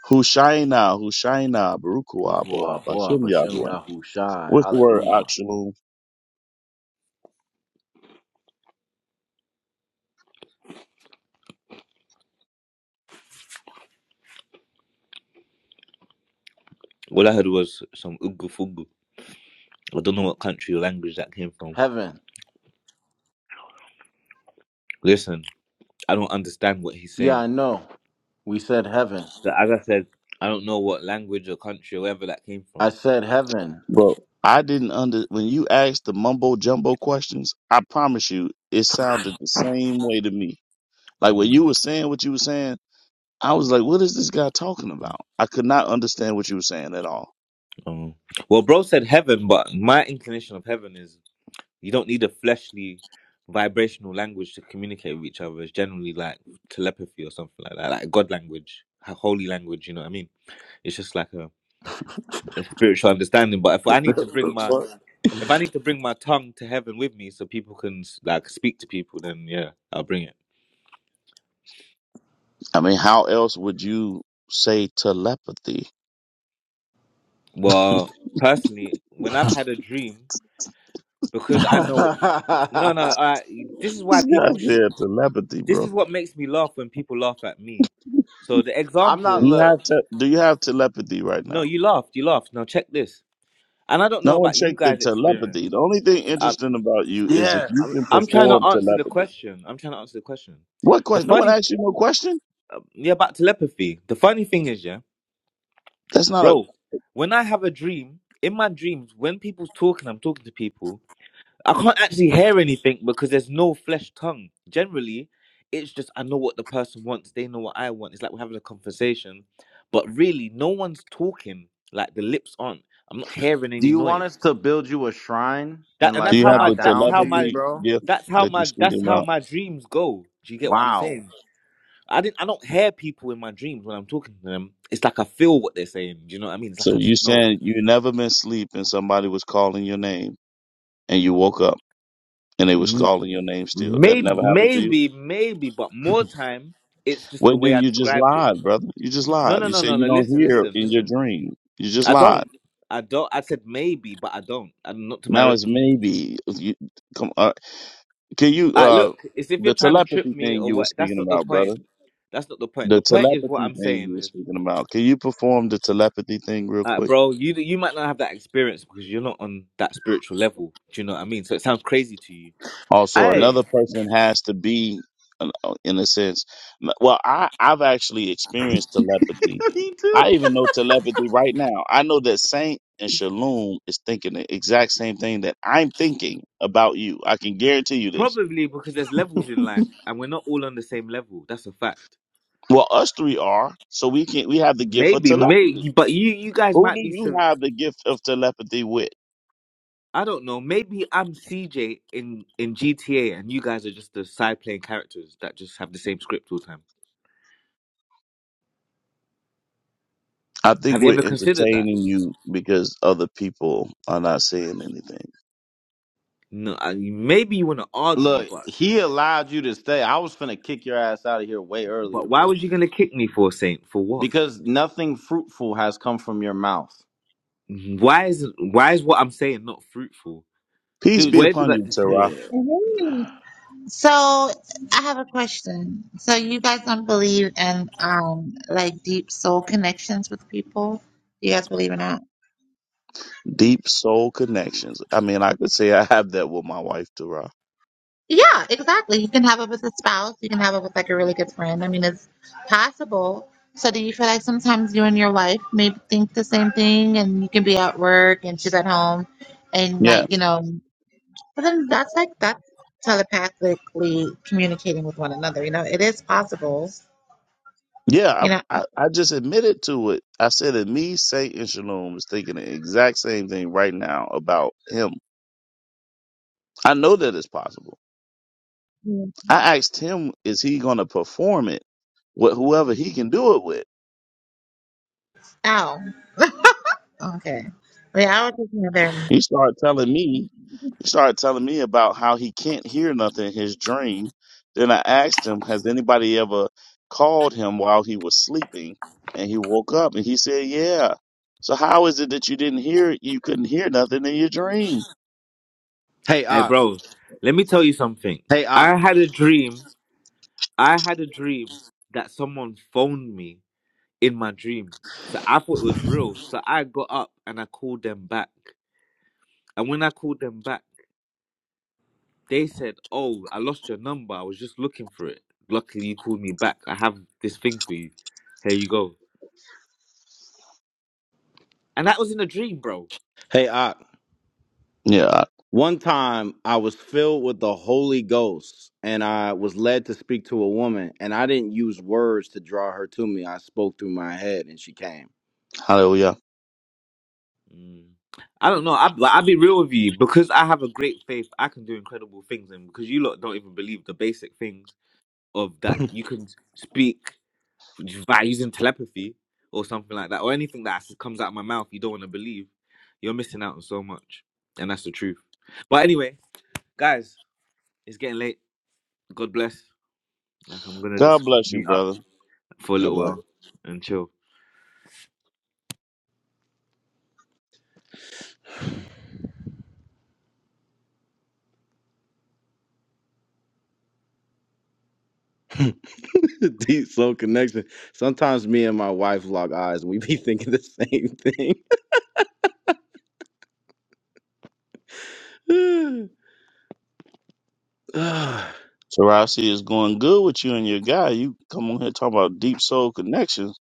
Speaker 6: Hushaina, Hushaina,
Speaker 2: Boy,
Speaker 6: Barukua, Boa,
Speaker 2: boy,
Speaker 6: Bashem
Speaker 2: Bashem
Speaker 6: Yahweh.
Speaker 2: Yahoo
Speaker 6: What's the word,
Speaker 2: Hallelujah.
Speaker 6: Akshalum?
Speaker 8: All I heard was some ugu fugu. I don't know what country or language that came from.
Speaker 2: Heaven.
Speaker 8: Listen. I don't understand what he's
Speaker 2: Yeah,
Speaker 8: saying.
Speaker 2: I know. We said heaven.
Speaker 8: But as I said, I don't know what language or country or wherever that came from.
Speaker 2: I said heaven.
Speaker 6: Bro, I didn't under when you asked the mumbo jumbo questions. I promise you, it sounded the same way to me. Like when
Speaker 8: Mm.
Speaker 6: you were saying what you were saying, I was like, "What is this guy talking about?" I could not understand what you were saying at all.
Speaker 8: Oh. Well, bro said heaven, but my inclination of heaven is you don't need a fleshly, vibrational language to communicate with each other. It's generally like telepathy or something like that, like God language, a holy language. You know what I mean? It's just like a, a spiritual understanding. But if I need to bring my
Speaker 2: What?
Speaker 8: if I need to bring my tongue to heaven with me so people can like speak to people, then yeah, I'll bring it.
Speaker 6: I mean, how else would you say telepathy?
Speaker 8: Well, personally, when I've had a dream because I know
Speaker 2: I'm
Speaker 8: no no I this is why
Speaker 6: This guy
Speaker 8: people should
Speaker 6: said telepathy,
Speaker 8: this
Speaker 6: bro.
Speaker 8: is what makes me laugh when people laugh at me. So the example
Speaker 6: Do
Speaker 2: not
Speaker 8: is
Speaker 6: you
Speaker 2: look.
Speaker 6: have te- do you have telepathy right
Speaker 8: no
Speaker 6: now?
Speaker 8: you laughed you laughed now check this and I don't know
Speaker 6: No one
Speaker 8: about you
Speaker 6: checked the
Speaker 8: guys
Speaker 6: telepathy.
Speaker 8: experience.
Speaker 6: The only thing
Speaker 8: I'm
Speaker 6: interesting about you is if
Speaker 2: Yeah.
Speaker 6: you
Speaker 8: I'm,
Speaker 6: can
Speaker 8: I'm trying to
Speaker 6: perform
Speaker 8: answer the
Speaker 6: telepathy.
Speaker 8: question. I'm trying to answer the question.
Speaker 6: What
Speaker 8: The
Speaker 6: question? No one
Speaker 8: funny
Speaker 6: asked you no question.
Speaker 8: yeah about telepathy. The funny thing is yeah
Speaker 6: That's not a.
Speaker 8: bro when I have a dream in my dreams when people's talking I'm talking to people I can't actually hear anything because there's no flesh tongue. Generally, it's just I know what the person wants, they know what I want. It's like we're having a conversation, but really, no one's talking. Like the lips aren't. I'm not hearing
Speaker 2: Do
Speaker 8: any
Speaker 2: you want
Speaker 8: noise.
Speaker 2: us to build you a shrine
Speaker 8: That
Speaker 2: and
Speaker 8: and
Speaker 6: Do
Speaker 8: that's
Speaker 2: like
Speaker 6: you
Speaker 8: how
Speaker 6: have
Speaker 2: bow
Speaker 6: the
Speaker 8: my that's
Speaker 2: down
Speaker 8: how
Speaker 2: to you,
Speaker 8: my
Speaker 6: telepathy
Speaker 2: bro?
Speaker 6: gift
Speaker 8: that's how
Speaker 6: that you're
Speaker 8: my that's
Speaker 6: speaking
Speaker 8: how
Speaker 6: about?
Speaker 8: my dreams go. Do you get what I'm
Speaker 2: Wow.
Speaker 8: saying? I didn't I don't hear people in my dreams when I'm talking to them. It's like I feel what they're saying. Do you know what I mean? It's
Speaker 6: So
Speaker 8: like I just
Speaker 6: you
Speaker 8: know.
Speaker 6: saying you never been asleep and somebody was calling your name and you woke up and they was calling your name still. That
Speaker 8: Maybe
Speaker 6: never happened to you.
Speaker 8: maybe maybe, but more time it's just the
Speaker 6: Well,
Speaker 8: way
Speaker 6: then
Speaker 8: I
Speaker 6: you just
Speaker 8: described it.
Speaker 6: lied, brother. You just
Speaker 8: No,
Speaker 6: lied.
Speaker 8: no,
Speaker 6: You
Speaker 8: no,
Speaker 6: said
Speaker 8: no,
Speaker 6: you
Speaker 8: no.
Speaker 6: don't
Speaker 8: Listen,
Speaker 6: hear
Speaker 8: listen,
Speaker 6: in your
Speaker 8: listen.
Speaker 6: dream. You just
Speaker 8: I
Speaker 6: lied.
Speaker 8: don't. I don't. I said maybe, but I don't. I'm not to my.
Speaker 6: Now
Speaker 8: Re-
Speaker 6: it's maybe. You, come, uh, can you,
Speaker 8: Ah,
Speaker 6: uh,
Speaker 8: look, it's if you're
Speaker 6: the
Speaker 8: trying to trip
Speaker 6: telepathy
Speaker 8: me
Speaker 6: thing
Speaker 8: or
Speaker 6: you were
Speaker 8: what. That's
Speaker 6: speaking
Speaker 8: not the
Speaker 6: about,
Speaker 8: point.
Speaker 6: brother?
Speaker 8: That's not the point.
Speaker 6: The
Speaker 8: The point is what
Speaker 6: telepathy
Speaker 8: I'm
Speaker 6: thing
Speaker 8: saying
Speaker 6: you were
Speaker 8: is,
Speaker 6: speaking about. Can you perform the telepathy thing real
Speaker 8: uh,
Speaker 6: quick?
Speaker 8: bro, you you might not have that experience because you're not on that spiritual level. Do you know what I mean? So it sounds crazy to you
Speaker 6: Also,
Speaker 8: because
Speaker 2: Hey,
Speaker 6: another person has to be, uh, in a sense, well, I, I've actually experienced telepathy.
Speaker 2: me too.
Speaker 6: I even know telepathy right now. I know that Saint and Shalom is thinking the exact same thing that I'm thinking about you. I can guarantee you this.
Speaker 8: probably because there's levels in life and we're not all on the same level. That's a fact.
Speaker 6: Well, us three are, so we can we have the gift of
Speaker 8: Maybe,
Speaker 6: telepathy.
Speaker 8: maybe, but you you guys
Speaker 6: Who do
Speaker 8: might be.
Speaker 6: you have the gift of telepathy with?
Speaker 8: I don't know. Maybe I'm CJ in in GTA, and you guys are just the side playing characters that just have the same script all the time.
Speaker 6: I think
Speaker 8: Have you
Speaker 6: we're
Speaker 8: ever considered that?
Speaker 6: entertaining you because other people are not saying anything.
Speaker 8: No. I, maybe you want to argue,
Speaker 2: Look,
Speaker 8: but
Speaker 2: he allowed you to stay. I was finna kick your ass out of here way
Speaker 8: but
Speaker 2: earlier,
Speaker 8: why
Speaker 2: bro.
Speaker 8: was you gonna kick me for saying For what?
Speaker 2: Because nothing fruitful has come from your mouth.
Speaker 8: Why is why is what I'm saying not fruitful?
Speaker 6: Peace
Speaker 2: Dude,
Speaker 6: be
Speaker 2: you,
Speaker 8: Where did
Speaker 6: upon
Speaker 8: I?
Speaker 6: you, Tara.
Speaker 2: yeah.
Speaker 9: Mhm. So I have a question. So you guys don't believe in um like deep soul connections with people? Do you guys believe in that?
Speaker 6: Deep soul connections. I mean, I could say I have that with my wife, Tara.
Speaker 9: Yeah, exactly. You can have it with a spouse. You can have it with like a really good friend. I mean, it's possible. So do you feel like sometimes you and your wife may think the same thing, and you can be at work and she's at home, and like
Speaker 6: Yes.
Speaker 9: you know, but then that's like that's telepathically communicating with one another. You know, it is possible.
Speaker 6: Yeah,
Speaker 9: You know.
Speaker 6: I, I, I just admitted to it. I said that me, Saint, and Shalom is thinking the exact same thing right now about him. I know that it's possible.
Speaker 9: Mhm.
Speaker 6: I asked him, is he going to perform it with whoever he can do it with?
Speaker 9: Okay. Yeah, I was just near there.
Speaker 6: He started telling me He started telling me about how he can't hear nothing in his dream. Then I asked him, Has anybody ever called him while he was sleeping? And he woke up and he said, Yeah. So how is it that you didn't hear you couldn't hear nothing in your dream?
Speaker 2: Hey,
Speaker 8: Hey,
Speaker 2: Ah.
Speaker 8: bro. Let me tell you something.
Speaker 2: Hey, Ah.
Speaker 8: I had a dream. I had a dream that someone phoned me in my dream. So I thought it was real. So I got up and I called them back. And when I called them back, they said, "Oh, I lost your number. I was just looking for it. Luckily, you called me back. I have this thing for you. Here you go." And that was in a dream, bro.
Speaker 2: Hey, Ah.
Speaker 6: Yeah.
Speaker 2: One time I was filled with the Holy Ghost and I was led to speak to a woman and I didn't use words to draw her to me. I spoke through my head and she came.
Speaker 6: Hallelujah.
Speaker 8: Mm. I don't know. I, like, I'll be real with you because I have a great faith. I can do incredible things, and because you lot don't even believe the basic things of that,
Speaker 2: God
Speaker 8: you can speak by using telepathy or something like that, or anything that s- comes out of my mouth. You don't want to believe. You're missing out on so much, and that's the truth. But anyway, guys, it's getting late. God bless. Like I'm gonna
Speaker 6: God
Speaker 8: just
Speaker 6: bless you,
Speaker 8: meet up
Speaker 6: brother.
Speaker 8: for a little
Speaker 2: bless.
Speaker 8: while and chill.
Speaker 2: Deep soul connection. Sometimes me and my wife lock eyes and we be thinking the same thing. Ah.
Speaker 6: So I see it's going good with you and your guy. You come on here talking about deep soul connections.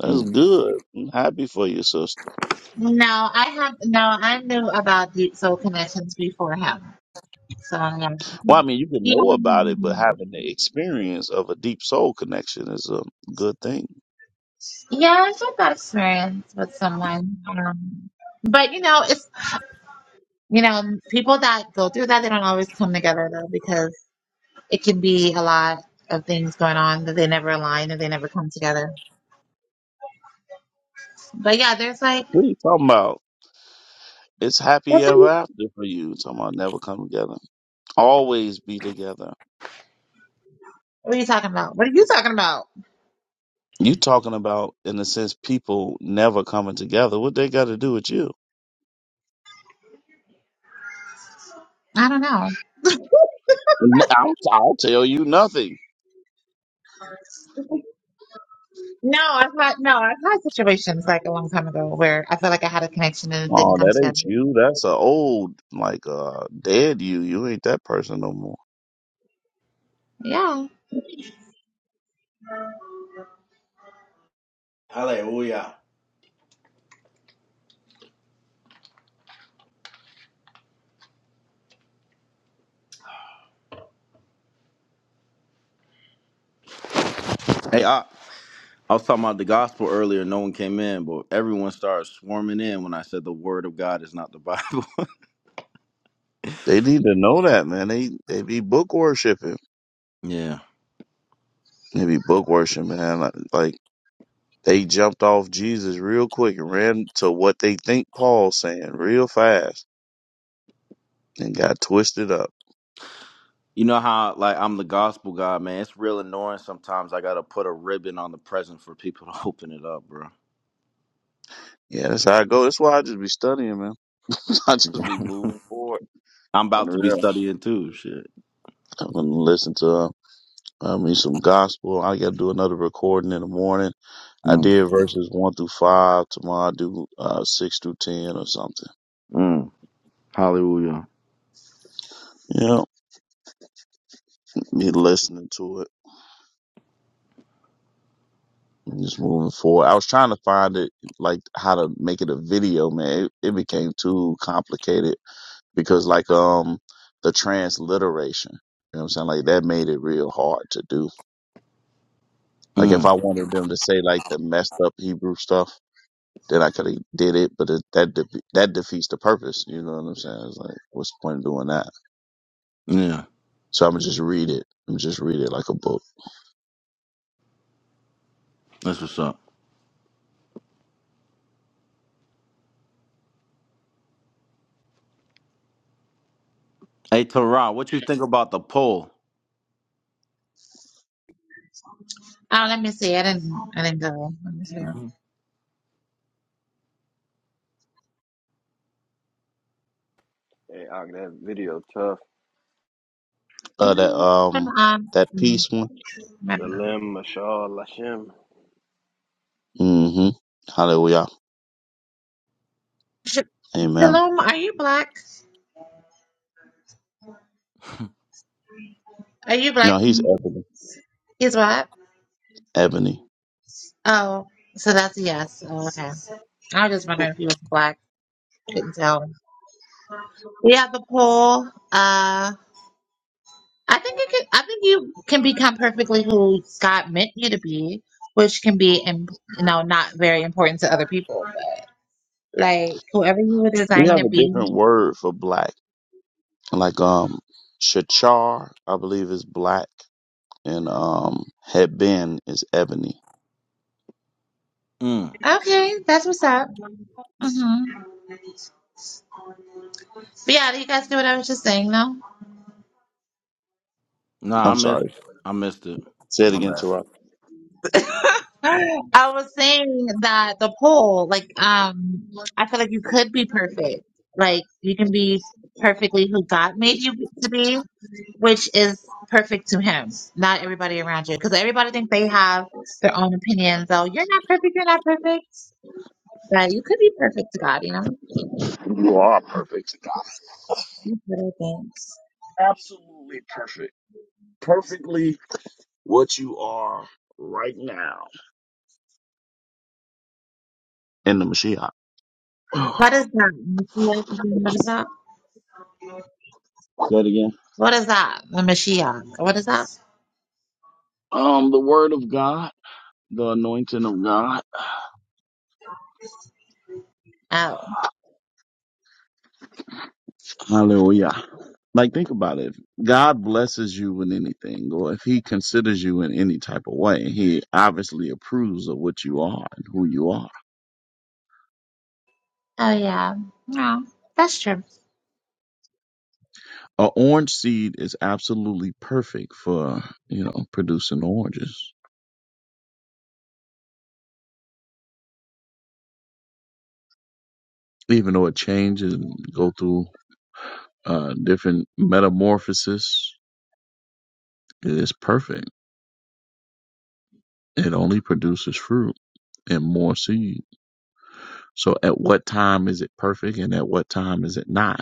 Speaker 6: That's
Speaker 2: Mm.
Speaker 6: good. I'm happy for you, sister.
Speaker 9: No, I have no. I knew about Deep Soul Connections beforehand, so yeah.
Speaker 6: Well, I mean, you can
Speaker 9: Yeah,
Speaker 6: know
Speaker 9: I
Speaker 6: about
Speaker 9: knew
Speaker 6: it,
Speaker 9: to
Speaker 6: but
Speaker 9: do it.
Speaker 6: having the experience of a deep soul connection is a good thing.
Speaker 9: Yeah, I had that experience with someone. Um, but you know, it's you know, people that go through that they don't always come together though because it can be a lot of things going on that they never align and they never come together. But yeah, there's like
Speaker 6: What are you talking about? It's happy
Speaker 9: that's what,
Speaker 6: ever
Speaker 9: you,
Speaker 6: after for you. You Talking about never come together, always be together.
Speaker 9: what are you talking about? What are you talking about?
Speaker 6: You talking about, in a sense, people never coming together. What they got to do with you?
Speaker 9: I don't know.
Speaker 6: N- I'll, I'll tell you nothing.
Speaker 9: No, I've had no, I've had situations like a long time ago where I felt like I had a connection and it didn't
Speaker 6: Oh,
Speaker 9: come
Speaker 6: that ain't
Speaker 9: together.
Speaker 6: you. That's a old, like, uh, dead you. You ain't that person no more.
Speaker 9: Yeah.
Speaker 2: Hallelujah. hey, I, I was talking about the gospel earlier. No one came in, but everyone started swarming in when I said the word of God is not the Bible.
Speaker 6: They need to know that, man. They they be book worshiping.
Speaker 2: yeah.
Speaker 6: They be book worshiping, man. Like. They jumped off Jesus real quick and ran to what they think Paul's saying real fast and got twisted up.
Speaker 2: You know how like I'm the gospel guy, man. It's real annoying sometimes. I gotta put a ribbon on the present for people to open it up, bro.
Speaker 6: Yeah, that's how I go. That's why I just be studying, man. I just be moving forward.
Speaker 2: I'm
Speaker 6: I'm
Speaker 2: about to be
Speaker 6: real.
Speaker 2: studying too. Shit.
Speaker 6: I'm gonna listen to uh, I mean some gospel. I gotta do another recording in the morning. I
Speaker 2: Mm.
Speaker 6: did verses one through five. Tomorrow I do uh, six through ten or something.
Speaker 2: Mm. Hallelujah.
Speaker 6: Yeah, be listening to it. and just moving forward. I was trying to find it, like how to make it a video, man. It, it became too complicated because, like, um, the transliteration. You know what I'm saying? Like that made it real hard to do. Like if I
Speaker 2: Mm.
Speaker 6: wanted them to say like the messed up Hebrew stuff, then I could have did it, but it, that defe that defeats the purpose. You know what I'm saying? It's like what's the point of doing that?
Speaker 2: Yeah.
Speaker 6: So I'm gonna just read it. I'm just read it like a book.
Speaker 2: That's what's up. Hey Tara, what you think about the poll?
Speaker 9: Oh, let me see. I didn't. I didn't go. Let me see. Yeah.
Speaker 2: hmm
Speaker 10: Hey, Og, that video tough.
Speaker 6: Uh, that
Speaker 9: I'm,
Speaker 6: um,
Speaker 9: Um.
Speaker 6: that
Speaker 9: hmm,
Speaker 6: peace one.
Speaker 9: my bad.
Speaker 10: Shalem, Mashal, Lashem.
Speaker 6: Mm-hmm. Hallelujah.
Speaker 9: Sh-
Speaker 6: Amen.
Speaker 9: Shalom, are you black? Are you
Speaker 6: No,
Speaker 9: black?
Speaker 6: he's epic.
Speaker 9: He's what?
Speaker 6: ebony.
Speaker 9: Oh, so that's a yes. Oh, okay. I was just wondering if he was black. Couldn't tell. We have the poll. Uh. I think it can, I think you can become perfectly who God meant you to be, which can be, im- you know, not very important to other people. But like whoever you were
Speaker 6: We
Speaker 9: designed
Speaker 6: have
Speaker 9: to
Speaker 6: a
Speaker 9: be.
Speaker 6: different word for black, like um, shachar, I believe is black, and um, headband is ebony.
Speaker 2: Mm.
Speaker 9: Okay, that's what's up. hmm But yeah, do you guys do what I was just saying though?
Speaker 2: Nah, I
Speaker 6: I'm
Speaker 2: missed.
Speaker 6: sorry.
Speaker 2: I missed it.
Speaker 6: Say it
Speaker 2: My
Speaker 6: again,
Speaker 2: bad.
Speaker 6: Tara.
Speaker 9: I was saying that the poll, like, um, I feel like you could be perfect. Like you can be perfectly who God made you to be, which is perfect to him, not everybody around you. Because everybody thinks they have their own opinions. So you're not perfect, you're not perfect, but you could be perfect to God, you know?
Speaker 6: You are perfect.
Speaker 9: That's what I think.
Speaker 6: absolutely perfect, perfectly what you are right now in the Mashiach.
Speaker 9: What
Speaker 6: Say
Speaker 9: is that? Mashiach, Did you know What is that?
Speaker 6: it again.
Speaker 9: What is that? The Mashiach. What is that?
Speaker 6: Um, the word of God, the anointing of God.
Speaker 9: Oh,
Speaker 6: Hallelujah. Like, think about it. God blesses you with anything, or if He considers you in any type of way, He obviously approves of what you are and who you are.
Speaker 9: oh yeah. No, that's true.
Speaker 6: An orange seed is absolutely perfect for, you know, producing oranges, even though it changes and go through uh, different metamorphosis. It is perfect. It only produces fruit and more seed. So, at what time is it perfect, and at what time is it not?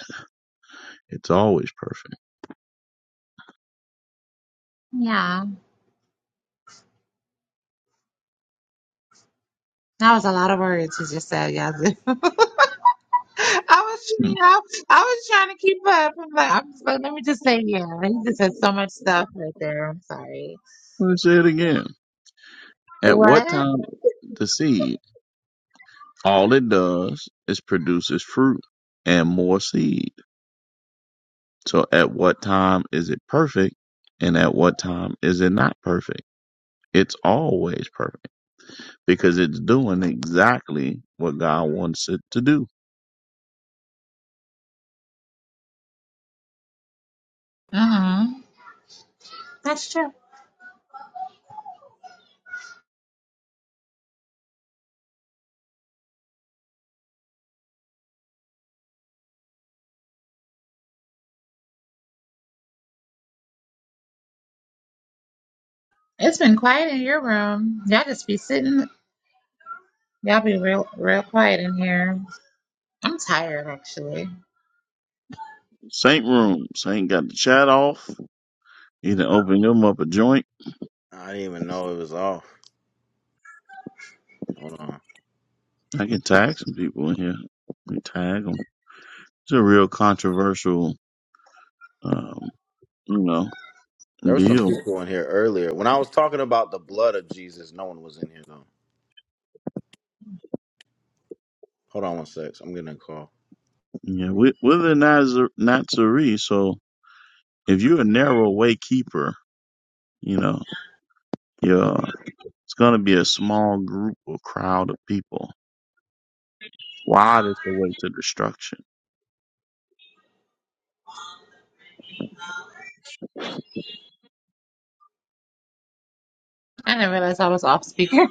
Speaker 6: It's always perfect.
Speaker 9: Yeah. That was a lot of words you just said, Yazoo. I was
Speaker 6: Hmm.
Speaker 9: trying, I, I was trying to keep up. I'm like, I'm just like, let me just say, yeah. He just said so much stuff right there. I'm sorry.
Speaker 6: Let's say it again. At what
Speaker 9: What?
Speaker 6: time the seed? All it does is produces fruit and more seed. So at what time is it perfect and at what time is it not perfect? It's always perfect because it's doing exactly what God wants it to do.
Speaker 9: hmm That's true. It's been quiet in your room. Y'all just be sitting. Y'all be real, real quiet in here. I'm tired, actually.
Speaker 6: Saint room. Saint got the chat off. Either open them up a joint.
Speaker 2: I didn't even know it was off. Hold on.
Speaker 6: I can tag some people in here. We tag them. It's a real controversial, um, you know,
Speaker 2: There were some
Speaker 6: deal.
Speaker 2: people in here earlier. When I was talking about the blood of Jesus, no one was in here though. Hold on one sec. I'm getting a call.
Speaker 6: Yeah, with with the Nazar Nazarene. So if you're a narrow way keeper, you know, yeah, it's gonna be a small group or crowd of people. Wide is the way to destruction.
Speaker 9: I didn't realize I was off speaker. All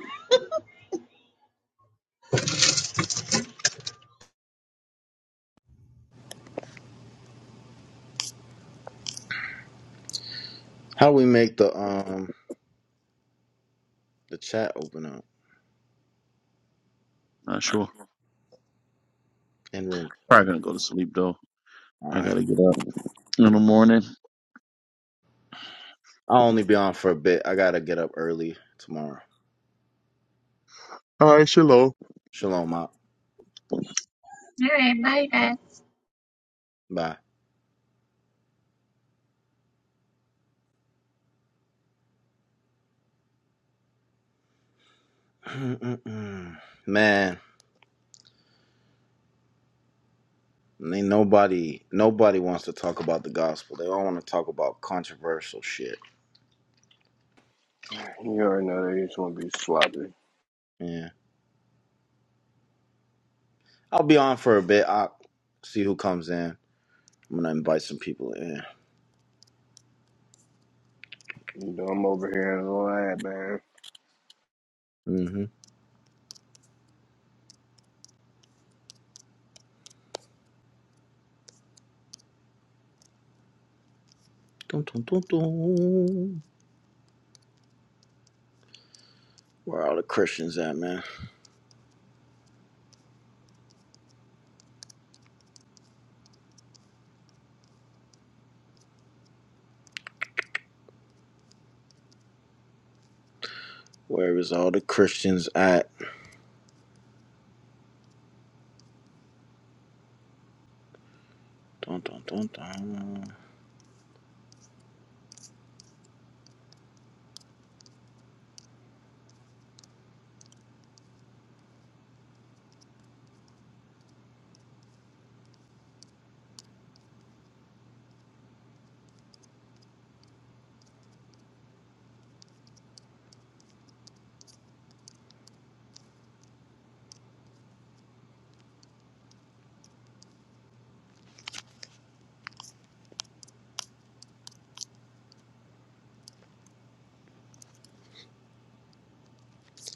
Speaker 2: How do we make the um? The chat open up
Speaker 6: Not sure.
Speaker 2: in room. chat.
Speaker 6: Probably gonna go to sleep though.
Speaker 2: All
Speaker 6: I
Speaker 2: right.
Speaker 6: gotta get up in the morning.
Speaker 2: I'll only be on for a bit. I gotta get up early tomorrow.
Speaker 6: hi, hello
Speaker 2: Shalom out.
Speaker 9: right, bye, guys.
Speaker 2: Bye. Mm-mm-mm. Man, ain't nobody nobody wants to talk about the gospel. They all want to talk about controversial shit.
Speaker 10: You already know they just want to be sloppy.
Speaker 2: Yeah. I'll be on for a bit. I'll see who comes in. I'm gonna invite some people in.
Speaker 10: You know, I'm over here in the lab, man.
Speaker 2: Mm-hmm. Dun, dun, dun, dun. Where are all the Christians at, man? Where is all the Christians at? Dun, dun, dun, dun.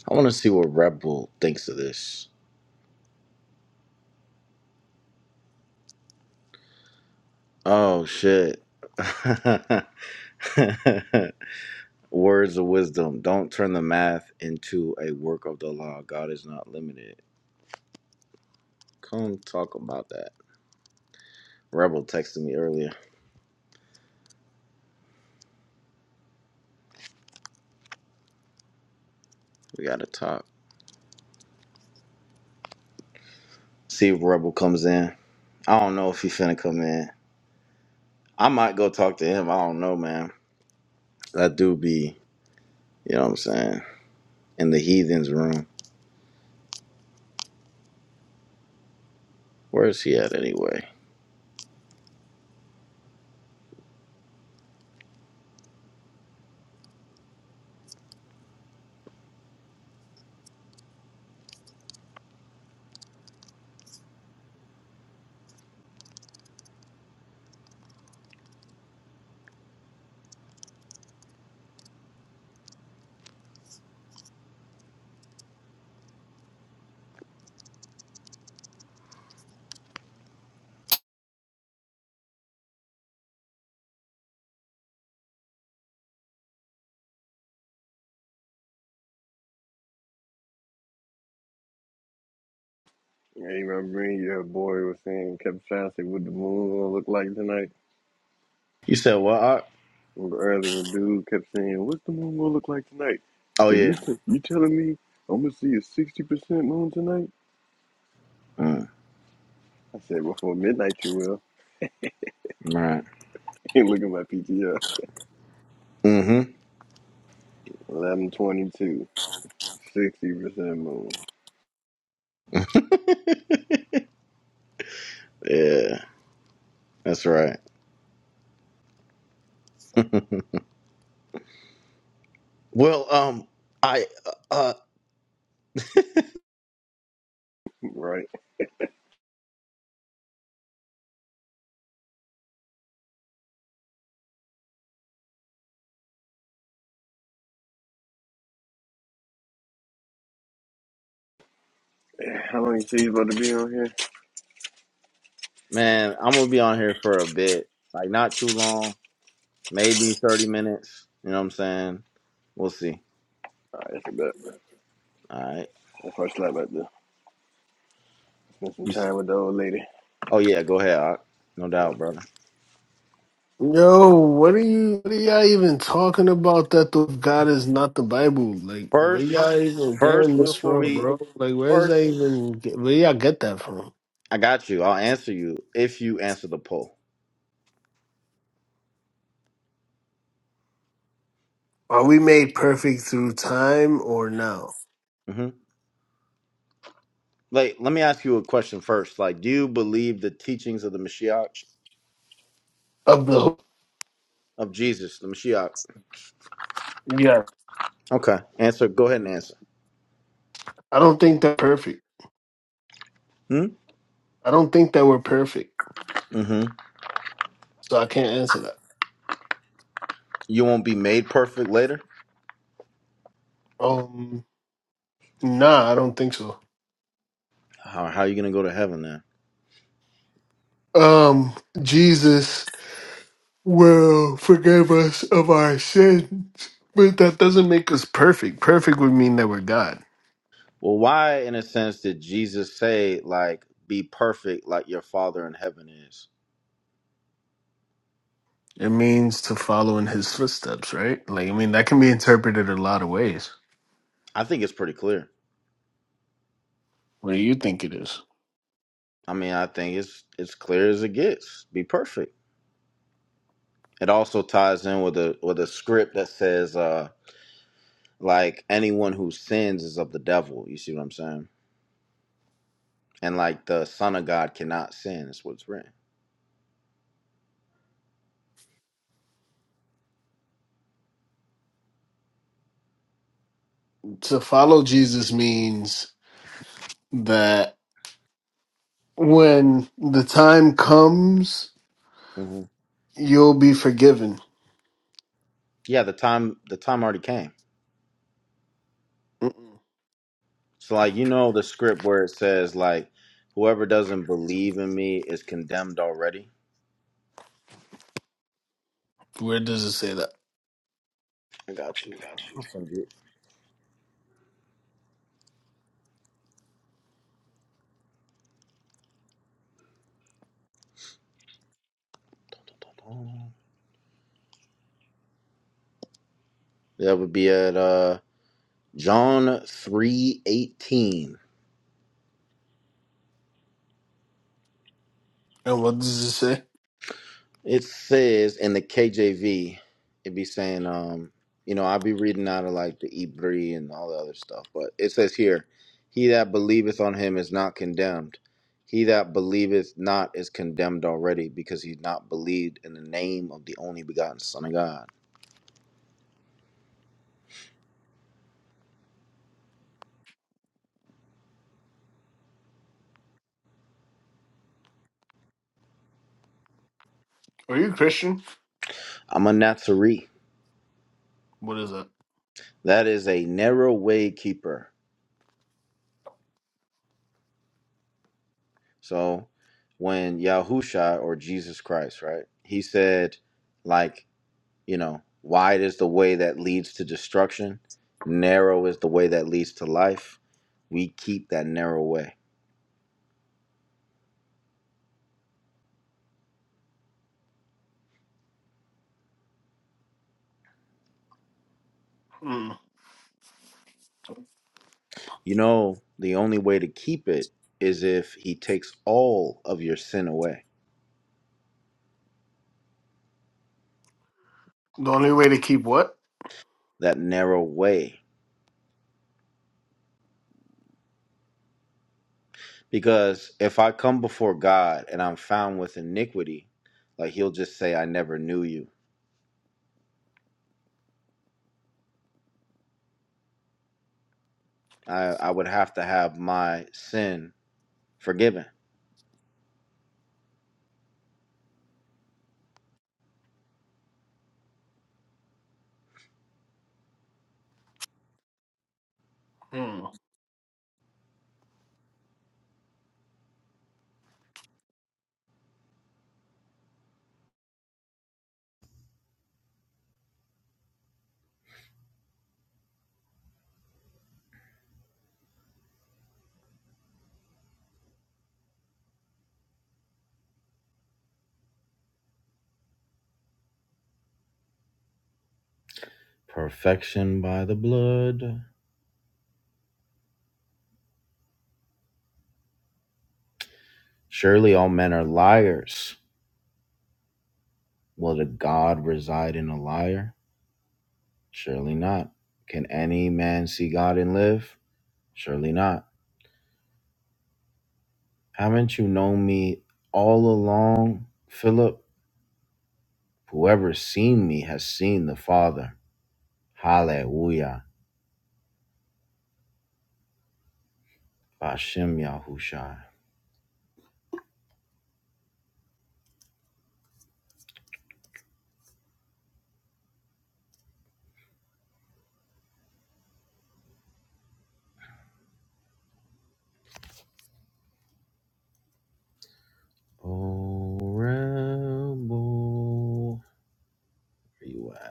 Speaker 2: I want to see what Red Bull thinks of this. Oh shit. Words of wisdom. Don't turn the math into a work of the law. God is not limited. Come talk about that. Rebel texted me earlier. We gotta talk. See if Rebel comes in. I don't know if he finna come in. I might go talk to him. I don't know, man. That dude be, you know what I'm saying, in the heathens room. Where is he at anyway?
Speaker 10: Hey, remember me? Your boy was saying, kept trying to say what the moon gonna look like tonight.
Speaker 2: You said what? Art?
Speaker 10: Remember early when dude kept saying, what's the moon gonna look like tonight?
Speaker 2: Oh
Speaker 10: So you
Speaker 2: yeah.
Speaker 10: t- you telling me I'm gonna see a 60% moon tonight?
Speaker 2: Mm,
Speaker 10: I said, before midnight you will.
Speaker 2: right.
Speaker 10: Ain't look at my PTR.
Speaker 2: Mm-hmm.
Speaker 10: 1122, 60% moon.
Speaker 2: Yeah, that's right. Well, um, I, uh,
Speaker 10: Right. How long you say you about to be on here?
Speaker 2: man, I'm gonna be on here for a bit, like not too long, maybe 30 minutes. You know what I'm saying? We'll see.
Speaker 10: All right, that's a bet.
Speaker 2: All right.
Speaker 10: That first slap right there. Spend some
Speaker 2: You. s-
Speaker 10: time with the old lady.
Speaker 2: Oh yeah, go ahead. Ock. no
Speaker 10: Yeah.
Speaker 2: doubt, brother.
Speaker 11: Yo, what are you? What are y'all even talking about? That the God is not the Bible. Like, where
Speaker 2: First,
Speaker 11: y'all even
Speaker 2: first,
Speaker 11: getting this
Speaker 2: before
Speaker 11: from,
Speaker 2: we
Speaker 11: bro? Like, where's that
Speaker 2: first,
Speaker 11: even? Get, where y'all get that from?
Speaker 2: I got you. I'll answer you if you answer the poll.
Speaker 11: Are we made perfect through time or now?
Speaker 2: hmm Like, let me ask you a question first. Like, do you believe the teachings of the Mashiach
Speaker 11: Of the
Speaker 2: of Jesus, the Mashiach?
Speaker 11: yeah,
Speaker 2: Okay, answer. Go ahead and answer.
Speaker 11: I don't think that perfect.
Speaker 2: Hmm?
Speaker 11: I don't think that we're perfect,
Speaker 2: Mm-hmm.
Speaker 11: so I can't answer that.
Speaker 2: You won't be made perfect later?
Speaker 11: Um, nah, I don't think so.
Speaker 2: How, how are you going to go to heaven then?
Speaker 11: Um, Jesus. will forgive us of our sins. But that doesn't make us perfect. Perfect would mean that we're God.
Speaker 2: Well, why, in a sense, did Jesus say, like, be perfect like your Father in heaven is?
Speaker 11: It means to follow in his footsteps, right? Like, I mean, that can be interpreted a lot of ways.
Speaker 2: I think it's pretty clear.
Speaker 11: What do you think it is?
Speaker 2: I mean, I think it's it's clear as it gets. Be perfect. It also ties in with a with a script that says, uh, like anyone who sins is of the devil. You see what I'm saying? And like the Son of God cannot sin. Is what's written.
Speaker 11: To follow Jesus means that when the time comes,
Speaker 2: hmm
Speaker 11: you'll be forgiven.
Speaker 2: Yeah, the time the time already came. So like you know the script where it says like whoever doesn't believe in me is condemned already.
Speaker 11: Where does it say that?
Speaker 2: I got you. That would be at uh John three eighteen.
Speaker 11: And what does it say?
Speaker 2: It says in the KJV, it'd be saying, um, you know, I'll be reading out of like the Ibri and all the other stuff, but it says here, he that believeth on him is not condemned. He that believeth not is condemned already because he's not believed in the name of the only begotten Son of God.
Speaker 11: Are you Christian?
Speaker 2: I'm a Nazarene.
Speaker 11: What is that?
Speaker 2: That is a narrow way keeper. So when Yahusha or Jesus Christ, right, he said, like, You know, wide is the way that leads to destruction, narrow is the way that leads to life. We keep that narrow way.
Speaker 11: Mm.
Speaker 2: You know, the only way to keep it is if He takes all of your sin away,
Speaker 11: The only way to keep what?
Speaker 2: that narrow way. Because if I come before God and I'm found with iniquity, like He'll just say, I never knew you. I, I would have to have my sin forgiven.
Speaker 11: Hmm.
Speaker 2: Perfection by the blood. Surely all men are liars Will the God reside in a liar? Surely not. Can any man see God and live? Surely not. Haven't you known me all along, Philip? Whoever's seen me has seen the Father. Hallelujah. Bashem Yahushai. Oh, rebel. Where you at?